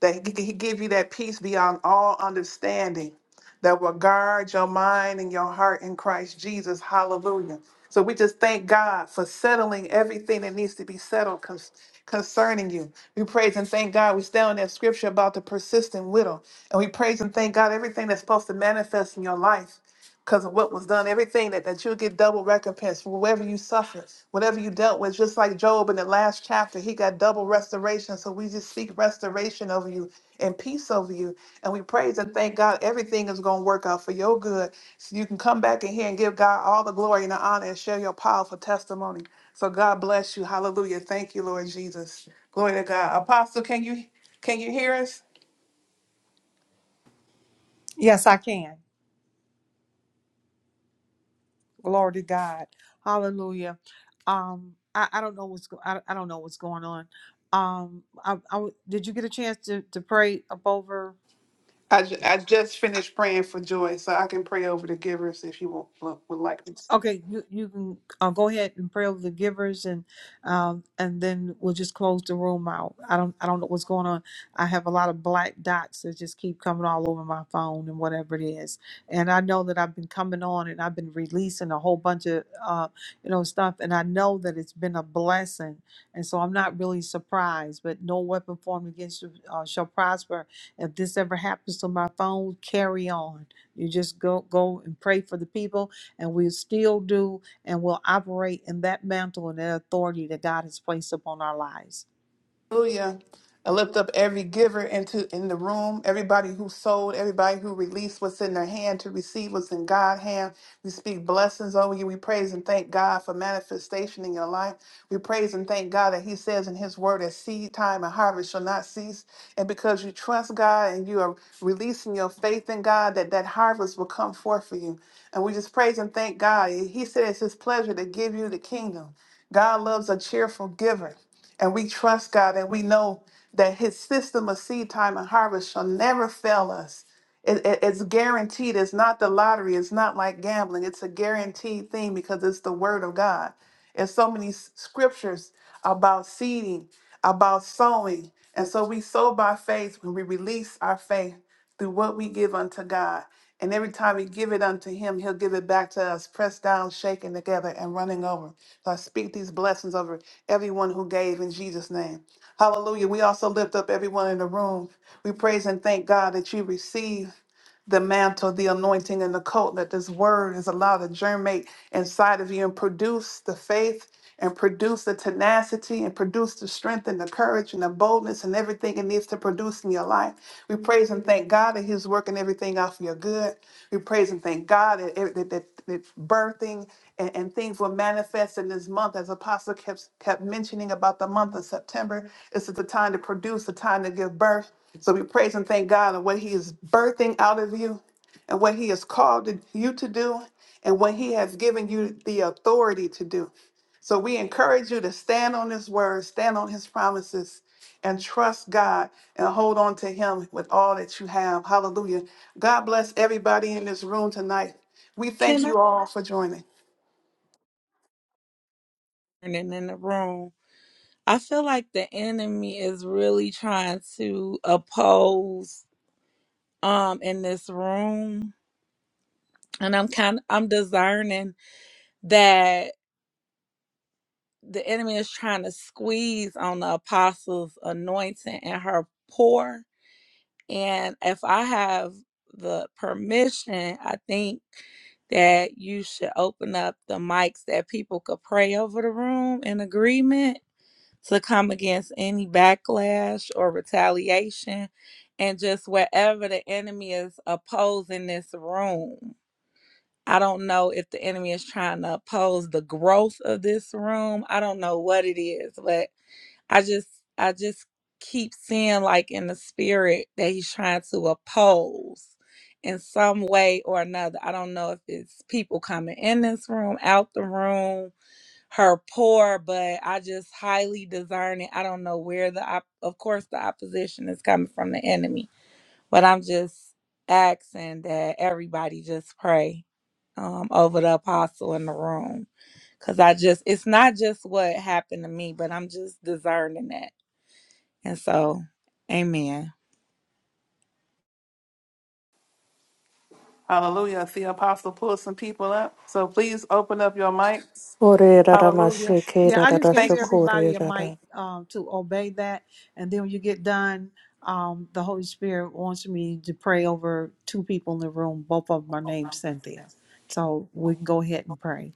that he, he give you that peace beyond all understanding that will guard your mind and your heart in Christ Jesus. Hallelujah. So we just thank God for settling everything that needs to be settled con- concerning you. We praise and thank God. We stay on that scripture about the persistent widow. And we praise and thank God everything that's supposed to manifest in your life because of what was done, everything that, that you'll get double recompense for whatever you suffered, whatever you dealt with. Just like Job in the last chapter, he got double restoration. So we just speak restoration over you and peace over you. And we praise and thank God everything is going to work out for your good. So you can come back in here and give God all the glory and the honor and share your powerful testimony. So God bless you. Hallelujah. Thank you, Lord Jesus. Glory to God. Apostle, can you can you hear us?
Yes, I can. Glory to God. Hallelujah. Um, I, I don't know what's go- I, I don't know what's going on. Um, I, I w- did you get a chance to to pray up over?
I, ju- I just finished praying for joy, so I can pray over the givers if you will, would would like me to.
Okay, you you can uh, go ahead and pray over the givers, and um, and then we'll just close the room out. I don't I don't know what's going on. I have a lot of black dots that just keep coming all over my phone and whatever it is. And I know that I've been coming on and I've been releasing a whole bunch of uh, you know stuff, and I know that it's been a blessing. And so I'm not really surprised. But no weapon formed against you uh, shall prosper. If this ever happens to my phone, carry on. You just go go and pray for the people and we still do and will operate in that mantle and that authority that God has placed upon our lives.
Hallelujah. I lift up every giver into in the room, everybody who sold, everybody who released what's in their hand to receive what's in God's hand. We speak blessings over you. We praise and thank God for manifestation in your life. We praise and thank God that He says in His word that seed time and harvest shall not cease. And because you trust God and you are releasing your faith in God, that that harvest will come forth for you. And we just praise and thank God. He said it's His pleasure to give you the kingdom. God loves a cheerful giver. And we trust God and we know that His system of seed time and harvest shall never fail us. It- it- it's guaranteed. It's not the lottery. It's not like gambling. It's a guaranteed thing because it's the Word of God. And so many s- scriptures about seeding, about sowing. And so we sow by faith when we release our faith through what we give unto God. And every time we give it unto Him, He'll give it back to us, pressed down, shaken together, and running over. So I speak these blessings over everyone who gave in Jesus' name. Hallelujah. We also lift up everyone in the room. We praise and thank God that you receive the mantle, the anointing, and the cult that this word is allowed to germinate inside of you and produce the faith and produce the tenacity and produce the strength and the courage and the boldness and everything it needs to produce in your life. We praise and thank God that He's working everything out for your good. We praise and thank God that, that, that, that birthing and, and things will manifest in this month, as Apostle kept, kept mentioning about the month of September. This is the time to produce, the time to give birth. So we praise and thank God on what He is birthing out of you and what He has called you to do and what He has given you the authority to do. So we encourage you to stand on His word, stand on His promises, and trust God and hold on to Him with all that you have. Hallelujah. God bless everybody in this room tonight. We thank
Can I
you all for joining.
and in the room? I feel like the enemy is really trying to oppose um in this room. and I'm kind I'm discerning that the enemy is trying to squeeze on the apostle's anointing and her pour. And if I have the permission, I think that you should open up the mics that people could pray over the room in agreement to come against any backlash or retaliation and just wherever the enemy is opposing this room. I don't know if the enemy is trying to oppose the growth of this room. I don't know what it is, but I just I just keep seeing like in the spirit that he's trying to oppose in some way or another. I don't know if it's people coming in this room, out the room, her poor, but I just highly discern it. I don't know where the op- of course the opposition is coming from the enemy but I'm just asking that everybody just pray um, over the apostle in the room. Because I just, it's not just what happened to me, but I'm just discerning that. And so, amen.
Hallelujah. I See, Apostle pull some people up. So please open up your mics. Hallelujah.
Yeah, I just gave
Thank you.
everybody a mic um, to obey that. And then when you get done, um, the Holy Spirit wants me to pray over two people in the room. Both of them are named Cynthia. So we can go ahead and pray.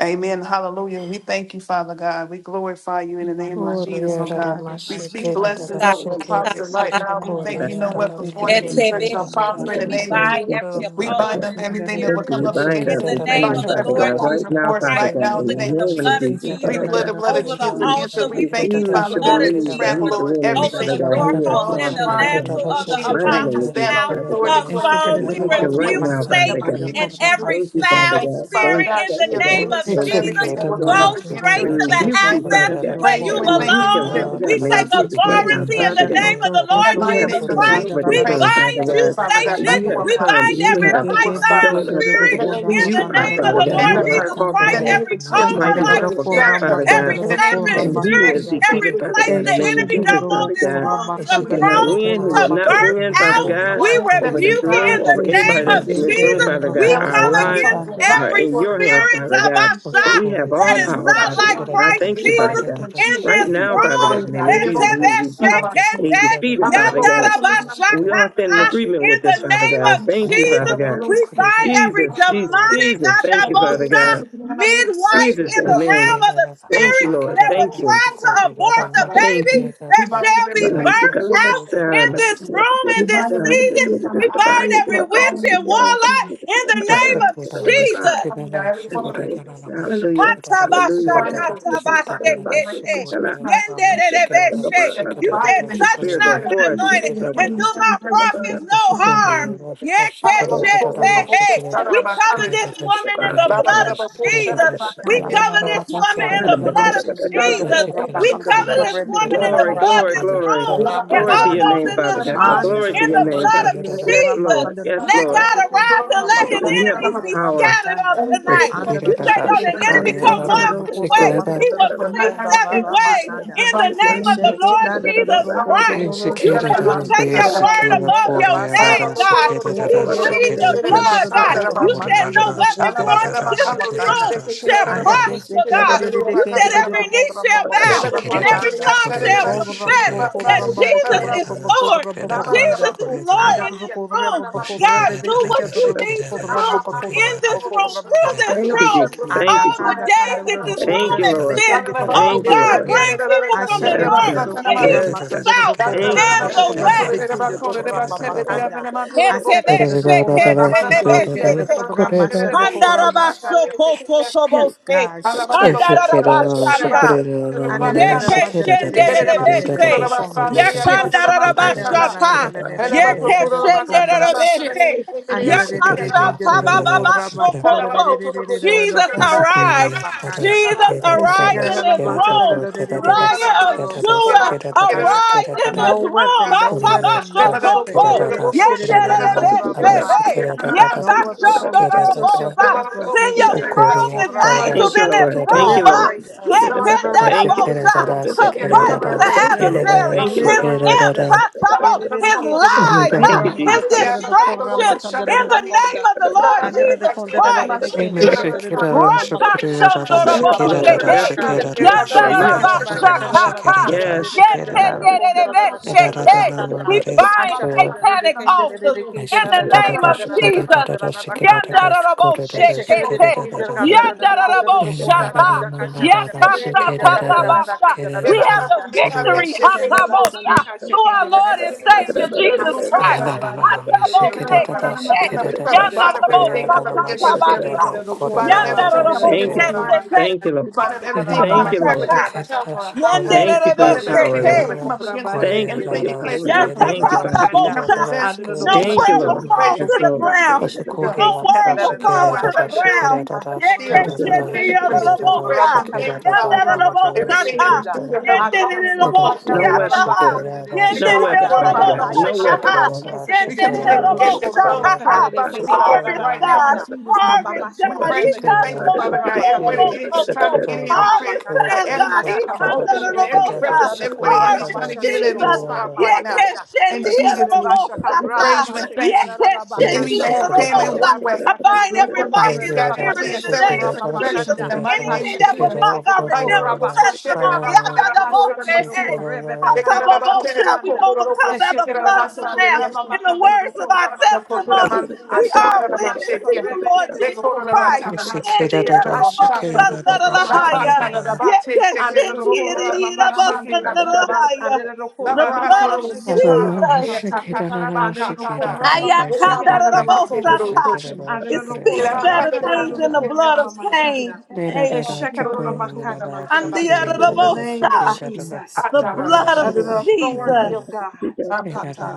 Amen. Hallelujah. We thank you, Father God. We glorify you in the name of Jesus, oh God. We speak
Man, Father
blessings
God,
over
thank you for
Apostle
this.
right now. We
Ekerera
thank
favor.
you, no
başlandı,
weapon
Thank you,
formed
Yeah,
ekerera
in,
against church
Father
shall
God.
başlandı,
We're
prosper in the
we
going to
name
pray
başlandı.
of
bind
Jesus.
every
this,
We
Father
bind
God.
opposing
up everything that
Thank
will
Eşekerera
spirit.
you.
come
We
up
kumara
bind
against
In
up
it.
the
this
We
başlandı,
can
name
dilde
enemy,
bind
of
up
the
Father
every
kumara
Lord
God, right
Jesus
opposing
now,
başlandı.
force
Father
right
Christ, we
God,
now in
in
the
the
plead
name of
the
name of
blood
Jesus.
of
Jesus,
We
Jesus
Father
plead
Eşekerera
God.
the
da
blood of
over the
Jesus
kumara
He
against it.
altar.
kumara
We
da
We
thank you,
başlandı.
plead the
refused to
Father
blood
God,
of
that we
believe that
trample
he's
Jesus
the
over
winning,
over
Father
everything,
the
Eşekerera
God.
da
He
creeping,
has
doorpost
crawling,
and
lost,
and
the
kumara
Father
flying.
kumara
God. in
lintel
da
In
of
the
the
kumara
Jesus'
Mighty
name,
name
we
apostle's
of
başlandı.
stand
Jesus,
on
house,
Father God.
authority
her
according to
phone.
We
Eşekerera
We
Genesis
Thank
da
1
you
and
right
kumara
rebuke
26.
now,
In
başlandı,
the
Father
Satan
mighty
kumara
name
God.
of
and
Jesus.
every
Thank you,
We
kumara
Father
foul
thank
God.
you,
başlandı.
Father
Thank
spirit
you,
God.
in
She
the
Father God.
name
Thank
of
you,
Thank you,
Jesus.
Jesus.
Father God.
Go
Thank you,
We
straight
Lord.
to the
rebuke you,
abscess
Father
Eşekerera
God.
da
where you
And
kumara
rebuke him,
belong.
Father God.
başlandı.
We
In the name
take
of Jesus right now,
authority in
Eşekerera
Father
the
da
God.
kumara
name of the
başlandı,
Lord
We have
Jesus
authority
the
Christ.
over this
We
room,
kumara
Father
bind
God.
you,
kumara
Satan.
başlandı.
You have
We
come.
the
bind
You
every
have
Ekete
python
beke
shown us,
dere do
spirit
Father God,
kona
who
in
na
the
you
kanda
are,
na
name
do
of
Father
the
the
God.
Lord
kona
You are
Jesus
all
makanda.
Christ.
power,
Every cobra
Anda
almighty
na
like
do
power, God,
kona
spirit,
Father God
makanda
every
na do kona
serpent
and he
spirit,
is
makanda.
every
defeated, Father
place
God,
the
in the name of
Esheke
enemy
dere
Jesus,
don't want
do
Father
this
God.
kona
room to
He
makanda na do
cannot
grow,
win. He
kona
to
will not
makanda
birth
win,
na do
Father
out,
kona
God,
we
makanda.
over this
rebuke it
room,
in the
over anybody
name of
that's
Esheke
in this
beke
room,
Jesus.
dere
Father
do
the
We
God.
jealous
kona
Our
come
person
lives
against
comes and
makanda.
are
died
every
in
before the
your
crown
hands,
of
spirit,
the
Father God.
Reverend
Tabasha,
Paul.
We have
And
that
he
all
never
is
just
power,
not
stopped the
Father
like
God.
one.
And I
Thank
Christ
thank you, Father
Jesus
God.
in
you.
Right
this
now, Father
room.
God, in the name of Jesus, he is rebuked and he's
Hetebeshekete,
defeated,
I'm a
Father
level
God.
post on the number
We all stand in
yandarabashakata,
agreement
In
with this,
the
Father
name
God.
of
Thank you,
Jesus,
Father God.
we bind every
Jesus, Jesus,
demonic
Jesus. Thank you, Father
adabosa
God.
midwife
Jesus,
in the
amen.
realm of the
Thank
spirit
you, Lord.
that will
Thank you.
try to abort the
about
Thank
baby
you.
you.
We
that
bind
shall
up every
be
plan
Hallelujah.
birthed
of
out
difficulty.
in
in
this
Jesus.
room in
We
this
bind up everything
season.
that's trying to
We bind
operate through
every
our phone
witch
in the
and
name of
warlock
Jesus.
in the
We pray that
name
we
of
pray
Jesus.
that every form of resistance we
Hallelujah,
Hatabasha
bind up
Lord.
with sometimes
katabashe
in the mighty name
kete.
of Jesus Christ. We think
Yenderebeshe.
that the
You said,
Bible
Holy
is
touch
Spirit, go
not
destroyed
my
according
forth
to
and get us
anointing
Isaiah
stuck
and
with the
do my
27,
Jesus.
30,
prophets no harm.
29. Hallelujah.
Yes, Lord.
Glory to
Yekeshete. Hey,
God.
Yes,
Shout out
We
about
cover
kindness.
this woman in the
Ba, ba, ba,
blood
ba,
of
ba, cool. Shout
Jesus.
out about
We
peace.
Kala
Yeah,
na na
ba,
cover
na
ba, ba, ba,
na
this
ba, ba.
bo
woman
Shout
in
shukura
the
na ba
blood of
sheke dere
out
do
Jesus.
about
kona
hope.
We
Lord.
Shout
makanda na
out
do
cover
about
this
kona
peace.
beke dere
woman
Yeah, ba, ba,
do
in the
Glory,
ba,
kona
ba,
blood,
ba.
glory,
this
makanda na do
glory.
room,
Ba, ba, ba,
and
Glory
ba,
to
all
ba,
kona
your
ba,
those
name,
in
cool.
Father
this
Shout out
God.
room
about
Anda
peace.
Glory
the
to
do
Yeah, ba,
in
ba,
your
the
ba,
name,
kotra
blood
Father
of
ba,
bekin do
God.
ba.
Yes,
kotra
Jesus.
Lord.
bakanda do
Yes,
do
Let
Lord.
kotra
God
bekin do
arise and
kotra
let his
bakanda do
You have
do
enemies
all
be
kotra
power.
scattered on
bakanda.
Every praise
tonight.
and
Anda
thank
do
you,
You
do
say, though
kunde
the
Lord,
ki
enemy
tere
thank you,
come
ki
Father,
tere
one
do
for the
kotra
way,
gift of this
he
bakanda do
day.
will
You are
do
flee
not
konda
ever
la
seven
able
la
to see
ways
the
bakanda.
in the
device in
They
the
name of
name
the
of
shake it
Lord
banda do do
Jesus.
Jesus
do
I
ko
don't know
do do
Christ.
what
do
you're
You
talking
say
shoko
you
la
about.
take
I
your
bakanda do do
word
do
don't
above
konda
your name,
basanda.
God.
They
We
ke tere
plead
tere
the
tere ki
blood, God. You
kotra
said
bakanda do
no weapon formed
kotra
against this room
mamakanda.
shall
And the se
prosper,
quede
God.
de de de
You
que
said
de de de de
every knee
contra
shall
mamba
bow
contra
and every
macanda.
tongue shall
O
confess
rambo
that
contra mamba
Jesus
contra
is
mamba contra
Lord.
mamba
know
conda.
what you're
Jesus is
talking
Lord
Anda
in
de de
this
contra
about. Thank
room.
mamba contra
God, do
bebe we
what
que de
you
mamba
need to
contra
do
mamba contra
in
mamba
this
contra
room,
mamba
through this
you.
Thank
canda.
you,
room,
Jesus. Thank
Anda
you,
all the
Jesus.
canda
days
canda de
that
de
this
Thank
room
contra
you,
bebe
Lord.
que
exists.
the contra
Oh
Thank you,
God,
Lord.
macanda.
bring people from
Ashe
the
que
Yes,
north,
manda de
God.
the
contra
east,
Yes,
the
God.
macanda de
south,
contra
Thank you,
and the
contra bebe
west.
que de contra macanda. Ashe canda de contra bebe que de que de contra machanda Shift,
Handarabashokotosobose.
God, shift,
Handarabashata.
shift. And the shift. And
Yekeshenderebese.
the shift. And the
Yakandarabashata. Yekeshenderebese.
Thank
Yakashatabababashokoto. Jesus, arise. Jesus, arise
God.
in this room. Lion of Judah, arise in
no
this room.
weapon, no weapon, no weapon.
Atabashokoto. Yenderebese. Hey.
No weapon formed against us shall
Yakashondorobosa.
prosper.
Send your strongest angels
Thank you,
in this
Lord. Thank
room.
you,
Ah,
Lord.
Liberate us. Liberate
Thank
them in
you.
this
Yekendarabosa,
room.
To fight the
Liberate
Thank you,
them.
you. Thank
Lord.
adversary,
Thank you,
his
Lord.
Liberate
imps, ha,
them.
tabo, his lies,
Thank
ha,
you,
his
Jesus.
distractions, in the name of the Lord Jesus Christ.
Yes, Lord.
Rakashandoroboshehe.
Yes, Lord. Yes, Lord. You have all power.
Esekaramata kadarara
Yandarabashakata.
kandara
Yes.
de kandara de kondara de kondara
Yetenderebesheke.
de kanda.
We bind
Ashakanda de
satanic
kandara
altars
de kandara de
in the name of
kandara de
Jesus.
kandara de kanda. Eshekere de
Yandarabashekete.
kinder kandara de kondara de konda
Yandarabashaka.
kanda kashakanda de kinder kandara
you.
de
Yakasatabasha.
kandara
We
We
de
bind
have
up
the
kanda.
everything coming up
victory
Eshekenda basanda
hatabosha, through
kashakenda
our
de
Lord and
kanda.
Savior Jesus
Anda kabra
Christ.
basikenda de kondara de
Hataboshekete.
kandara de kandara de kanda.
against us here.
Yandarabashakatabasha.
Eshekenda de
We bind up
kondara de
everything
kandara
Yandarabo
coming
de
Thank
against
you,
our
Jesus.
de
sete.
finances.
Thank you,
We
Lord.
bind up
Kente
everything
kararara
trying
Thank
to
you,
come up
bakanda
Lord.
Otatabashaka.
against her
rarara
health
kanda.
or her house. We
Thank you for
Yandarabo
bind
your
up
Ashekerere
power,
everything
kente
that's
Lord.
going
sete.
roro
to come up
korama,
against her.
Thank you for
Everything
your
ashekerere
you place
power,
kente
in her
roro
Yes,
Lord.
I
Thank you,
korama
ta-
position
Father
ta-
God.
kanda.
bo-
and her
sha.
possession
Adoro
in the
roro
No
name of
Thank you,
prayer
Jesus.
korama,
will
We
Lord.
kanda
fall
praise
to
you.
roro
Yes,
Thank
the
you.
Lord.
korama
Peace
ground.
be
kanda rere
still.
No
kente
We speak
word
to
kararara
will
these
rarara
fall
points
to the
trying to
bakanda.
develop
ground.
peace be
Anda
Yes,
still.
korama,
yes,
No
yes,
In
yes,
the name
ashekerere
of Jesus,
yes,
kente
we
bo-
praise
korama
sha.
and
kanda
thank you,
rere
Yes,
Father
yes,
God.
korama
yes, bo-
kanda
sha,
rere
Everything that we
ta.
kenda
do to her,
Yes,
we
yes, yes,
call it
yes,
forth
bo-
right now
sha,
in the name
weapon
of
for
ta.
Jesus.
them.
Yes,
We
No
yes,
call it
yes,
haya
weapon,
forth
yes,
Father
haya
out of
bo-
God.
us,
haya
sha,
No
shit, get it
haya.
weapon
of
ta.
for
us.
them.
Yes,
Eseke
We
yes,
beche
yes,
command every
yes,
kororo
gate
bo-
that's
korra
closed
sha,
to try to
bakandere
ta.
stop and
rekete
be
ra ra ra
open
Harvest,
ra
right now
God.
in
kanda.
Jesus' name.
Amba
Harvest,
masho
We
God.
korre
He
praise you and
beke
thank
kororo
you,
shondo
Father
korra
re
God.
lo lo
bakandere
Everybody the
bo-
rekete
enemy's
so-
trying
kororo
to
so.
get in,
korra
we pray
Harvest
bakanda.
that
time,
every
God.
uh,
Asaka
uh,
Ika
banda
nda re
opening and
korre
the
every
bo-
beke ra
sha.
ra
crevice and
ra
everybody the
korra
enemy's
Harvest,
trying to get in
bamashandere kororo
every
Jesus.
spot
korra
right now.
bakanda.
In
Yekeshendi
Jesus'
Eseke
name,
basha
we
korra
praise
Erobosata.
you and
babashe
thank
ra
you.
ra ra
The
Yes,
enemy
Yekeshendi
may
bakanda.
Lord.
have
Yes,
came in
Erobosata.
Ashaka
one way.
Lord.
I
basa
We
bind
kororo
would
every
come
boko
back,
korre
mocking
scatter and
spirit
flee
bakandere
in
in
the
seven
name
korra
of
different
Jesus.
directions in
bakanda.
the mighty name
Anything
of
Ashaka
that will
Jesus.
rebeke
mock our
Thank
Thank
korra
redemptive testimony.
bakashakanda.
Yadadabose, hey.
Asandaroko rebebekandaroko
Hatabobosha. We
shakanda.
overcome by the blood of the
Eshekerabaso
Lamb and the words of
ramakandaroko
our
ramamakanda.
testimony. We are witness to
Asakanamasoko
you, Lord Jesus
rebekandaroko
Christ.
ramamakanda.
Yendi Erobosata
Ashakandaroko
Narahaya.
ramamashekenda. Andaroko
Yekeshendi Erobosata
ramamashekenda.
Narahaya.
Andaroko
The blood of
ramamashekenda.
Jesus.
Andaroko ramamashekenda.
Ayakandarabosata. It
Andaroko
speaks better things than the
ramakandaroko
blood of
you.
ramamashanda.
Cain and Abel.
Lavando
makanda. In the name of
Andiarabosha.
you.
Jesus,
The blood of
under
Yes,
the
God.
authority
Jesus.
of God,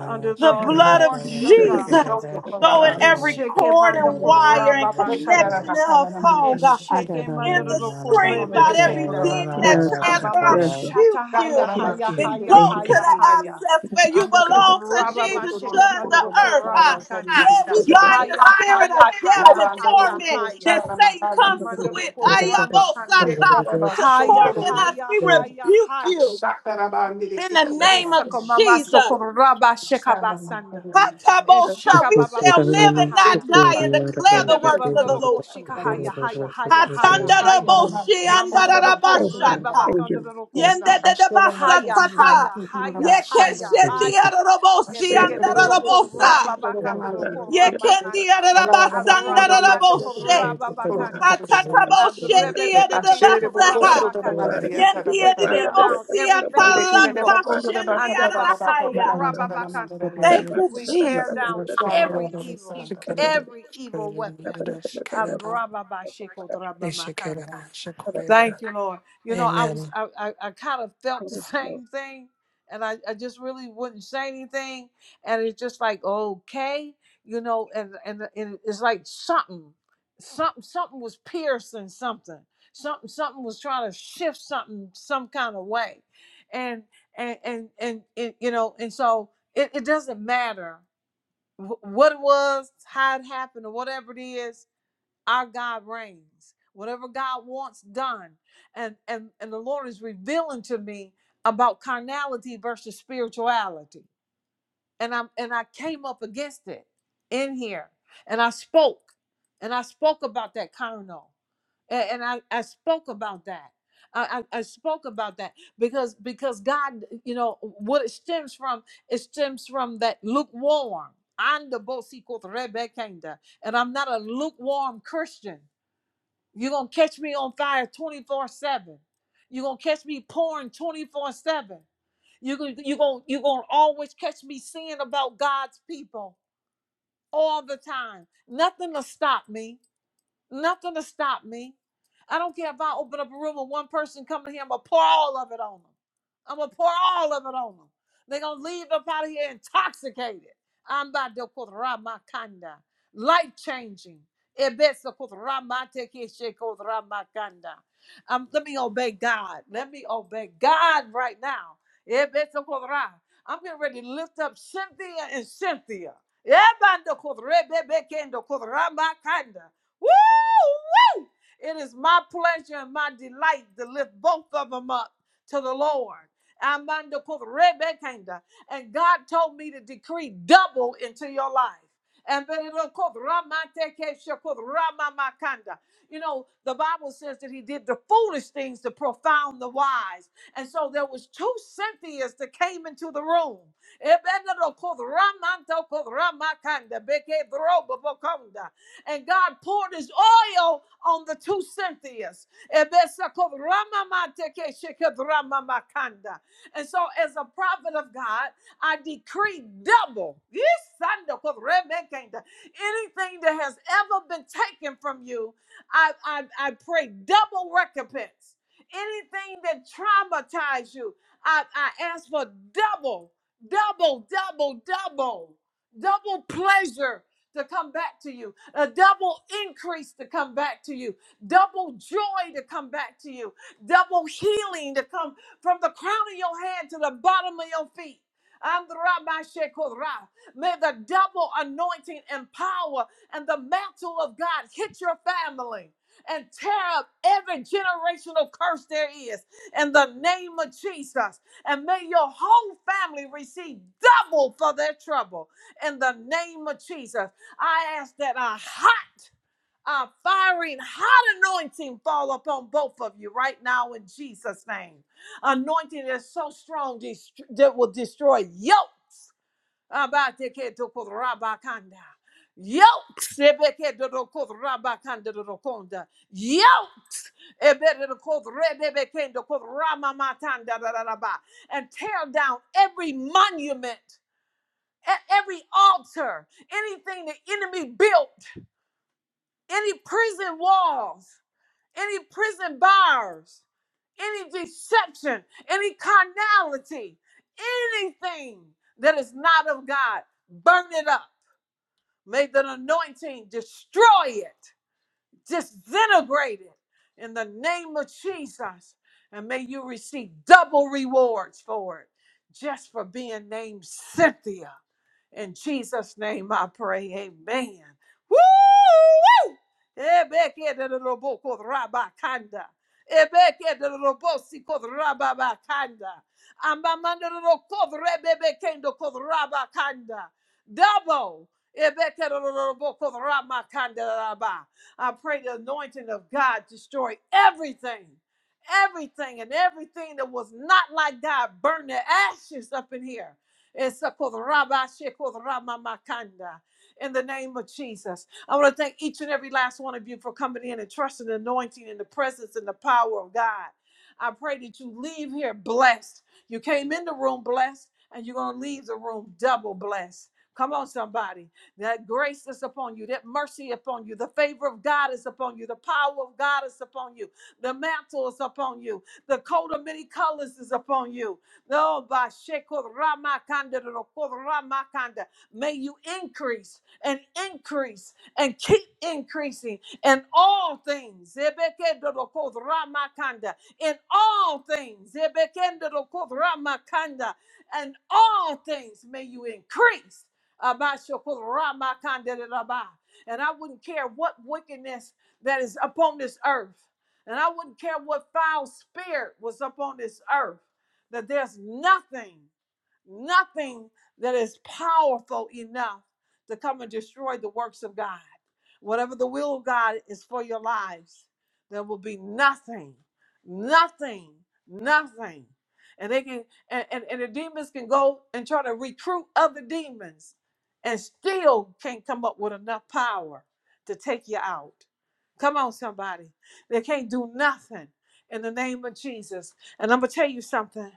under the
The blood of
authority of God,
Jesus go in
and
every
shake him
cord
under
and wire and connection
Kurababakanda,
in her phone,
and
God.
shake him
In the screen, God, every demon that transfer, I
Amama
Yes, God.
rebuke
Shata Haya
you.
Yes,
Haya
God.
Then
Haya
go
Thank you,
to
God.
Haya
the
Haya,
abscess where you
under
belong to
Kurababa
Jesus,
shake him
judge
under
the
the
earth. Ah, Yeah,
Kuramakanda,
we bind the
Haya
spirit
Haya
of death
Haya
and
Haya
torment
Haya,
that Satan comes to
Amanda
with
Kuramakanda,
I
Ayabosata to
Haya
torment us.
Haya
We
Haya
rebuke
Haya.
you
shot that about me to
in the
kick over
name of
Esakomama
Jesus.
sokoraba shekabasanda.
that.
Hatabosha, we
Eshakababa
shall live and
Shama
shakahaya.
not die and declare the works of the
Ebebebadoroko
Lord.
shikahaya, haya, haya, haya, haya. haya.
Hatandaraboshe,
Amandoroko
Yes, Lord.
andarabashata.
Thank you. Yes,
rebabakandorokona.
Lord.
Haya,
Yendededebasatata.
haya, haya, haya, haya.
Yekeshendiarabosi,
Thank
Ebekedoroko
andarabosa.
rababakandoroko ramakanda.
Yekendiarabasa,
Adramabadoko
andaraboshe.
rababakanda. Adrebebebekendoko
Hatataboshediarabasaha.
rababakanda. We tear down everything evil. Andabasoko
Yendiarabosiatalakashendiarabahaya.
rababakanda.
Thank you,
We tear
Jesus.
down every evil every evil weapon. Abrababashikodrabamakanda. Thank you, Lord. You know, I was I, I, I kind of felt the
you.
same thing, and I, I just really wouldn't say anything, and it's just like okay, you know, and and, and it's like something, something something was piercing something, something something was trying to shift something some kind of way, and and and and, and you know, and so it, it doesn't matter what it was, how it happened, or whatever it is, our God reigns. Whatever God wants done, and and and the Lord is revealing to me about carnality versus spirituality and I and I came up against it in here, and I spoke, and I spoke about that carnal, and, and I I spoke about that. I, I, I spoke about that because because God, you know, what it stems from, it stems from that lukewarm. I'm the Bosi Koth Rebbe and I'm not a lukewarm Christian. You're going to catch me on fire 24 7. You're going to catch me pouring 24 7. You're going you're gonna, you're gonna always catch me singing about God's people all the time. Nothing will stop me. Nothing to stop me. I don't care if I open up a room and one person come in here, I'm gonna pour all of it on them. I'm gonna pour all of it on them. They're gonna leave up out of here intoxicated. I'm by the Kanda. Life changing. Ebesa Kutramate Keshe Kutramakanda. Um, let me obey God. Let me obey God right now. I'm getting ready to lift up Cynthia and Cynthia. Ebanda Kutrebebe Kendo Kutramakanda. Woo! Woo! It is my pleasure and my delight to lift both of them up to the Lord. And God told me to decree double into your life. And then it'll cook, Ramamakanda. You know, the Bible says that he did the foolish things to profound the wise. And so there was two Cynthias that came into the room and God poured his oil on the two Cynthias. And so, as a prophet of God, I decree double. Yisandokov remekenda. Anything that has ever been taken from you, I, I, I pray double recompense. Anything that traumatized you, I, I ask for double, double, double, double, double pleasure to come back to you a double increase to come back to you, double joy to come back to you, double healing to come from the crown of your head to the bottom of your feet. Andra-ba-she-ko-ra. May the double anointing and power and the mantle of God hit your family and tear up every generational curse there is in the name of Jesus. And may your whole family receive double for their trouble in the name of Jesus. I ask that a hot, a firing, hot anointing fall upon both of you right now in Jesus' name. Anointing is so strong dest- that will destroy yoke. Abateketukurabakonda. Yoke. Sebeketukurabakonda. Yoke. Ebetukurabebekendukuramamatandadadadaba. And tear down every monument, e- every altar, anything the enemy built any prison walls, any prison bars, any deception, any carnality, anything that is not of God, burn it up. May the anointing destroy it, disintegrate it in the name of Jesus. And may you receive double rewards for it just for being named Cynthia in Jesus' name I pray. Amen. Woo! woo. Ebekedeloboko-rabakanda. Ebekedelobosiko-rababakanda. Amamandorokodrebebekendo-kodrabakanda. Double. Ebekedeloboko-ramakanda-raba. I pray the anointing of God destroy everything. Everything and everything that was not like God, burn the ashes up in here Esakodrabashikodramamakanda. In the name of Jesus, I want to thank each and every last one of you for coming in and trusting the anointing and the presence and the power of God. I pray that you leave here blessed. You came in the room blessed, and you're going to leave the room double blessed. Come on, somebody. That grace is upon you, that mercy upon you, the favor of God is upon you, the power of God is upon you, the mantle is upon you, the coat of many colors is upon you. No, ba sheko rama kanda do ko rama kanda. May you increase and increase and keep increasing in all things. Ebeke do do ko rama kanda. In all things. Ebeke do do ko rama kanda. And all things may you increase. Aba sheko rama kanda de la ba. And I wouldn't care what wickedness that is upon this earth. And I wouldn't care what foul spirit was upon this earth that there's nothing, nothing that is powerful enough to come and destroy the works of God. Whatever the will of God is for your lives, there will be nothing, nothing, nothing. And they can and, and, and the demons can go and try to recruit other demons and still can't come up with enough power to take you out. Come on, somebody. They can't do nothing in the name of Jesus. And I'm gonna tell you something.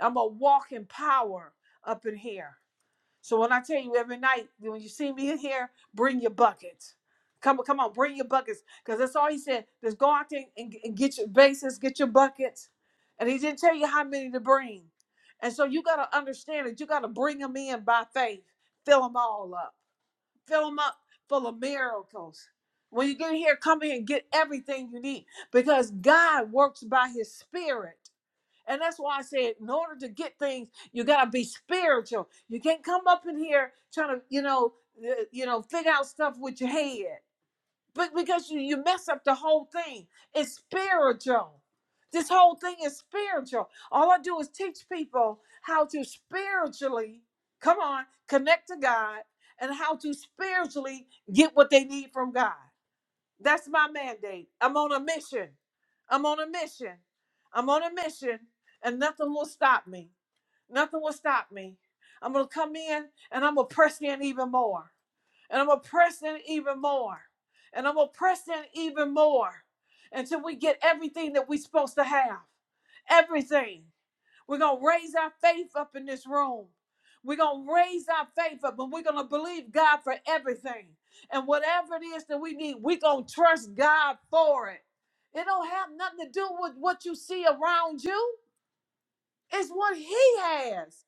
I'm a walking power up in here. So when I tell you every night, when you see me in here, bring your buckets. Come on, come on, bring your buckets. Because that's all he said. Just go out there and, and get your bases, get your buckets. And he didn't tell you how many to bring. And so you gotta understand it. You gotta bring them in by faith. Fill them all up. Fill them up full of miracles. When you get in here, come in and get everything you need. Because God works by his spirit. And that's why I said, in order to get things, you gotta be spiritual. You can't come up in here trying to, you know, uh, you know, figure out stuff with your head, but because you you mess up the whole thing. It's spiritual. This whole thing is spiritual. All I do is teach people how to spiritually, come on, connect to God, and how to spiritually get what they need from God. That's my mandate. I'm on a mission. I'm on a mission. I'm on a mission, and nothing will stop me. Nothing will stop me. I'm going to come in and I'm going to press in even more. And I'm going to press in even more. And I'm going to press in even more until we get everything that we're supposed to have. Everything. We're going to raise our faith up in this room. We're going to raise our faith up and we're going to believe God for everything. And whatever it is that we need, we're going to trust God for it. It don't have nothing to do with what you see around you. It's what he has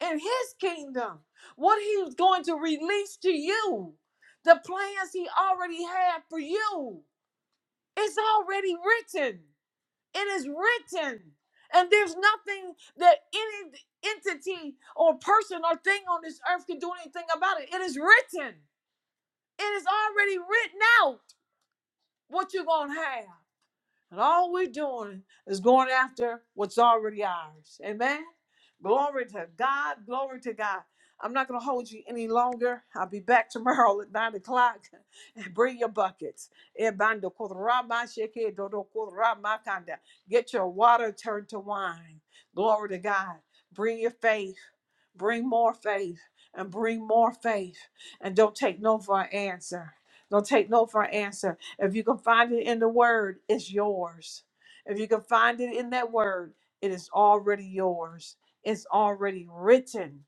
in his kingdom. What he's going to release to you. The plans he already had for you. It's already written. It is written. And there's nothing that any entity or person or thing on this earth can do anything about it. It is written. It is already written out what you're going to have. And all we're doing is going after what's already ours. Amen. Glory to God. Glory to God. I'm not going to hold you any longer. I'll be back tomorrow at 9 o'clock. Bring your buckets. Ebando korama sheke dodo korama kanda. Get your water turned to wine. Glory to God. Bring your faith. Bring more faith and bring more faith. And don't take no for an answer. Don't take no for an answer. If you can find it in the word, it's yours. If you can find it in that word, it is already yours. It's already written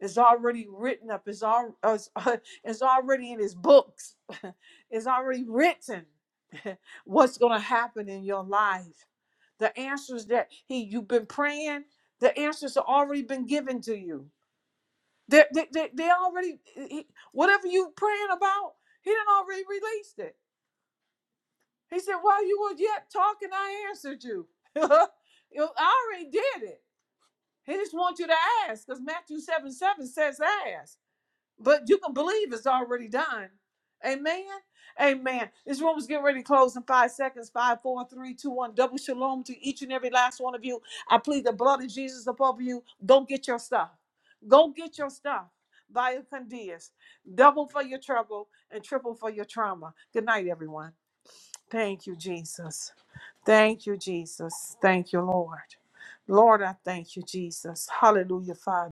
it's already written up. It's all it's, it's already in his books. it's already written what's going to happen in your life. The answers that he you've been praying, the answers have already been given to you. They they, they, they already he- whatever you praying about, he done already released it. He said, "While you were yet talking, I answered you. I already did it. He just wants you to ask, because Matthew seven seven says ask." But you can believe it's already done. Amen. Amen. This room is getting ready to close in five seconds. Five, four, three, two, one. Double shalom to each and every last one of you. I plead the blood of Jesus above you. Go get your stuff. Go get your stuff. Via Candias. Double for your trouble and triple for your trauma. Good night, everyone. Thank you, Jesus. Thank you, Jesus. Thank you, Lord. Lord, I thank you, Jesus. Hallelujah, Father.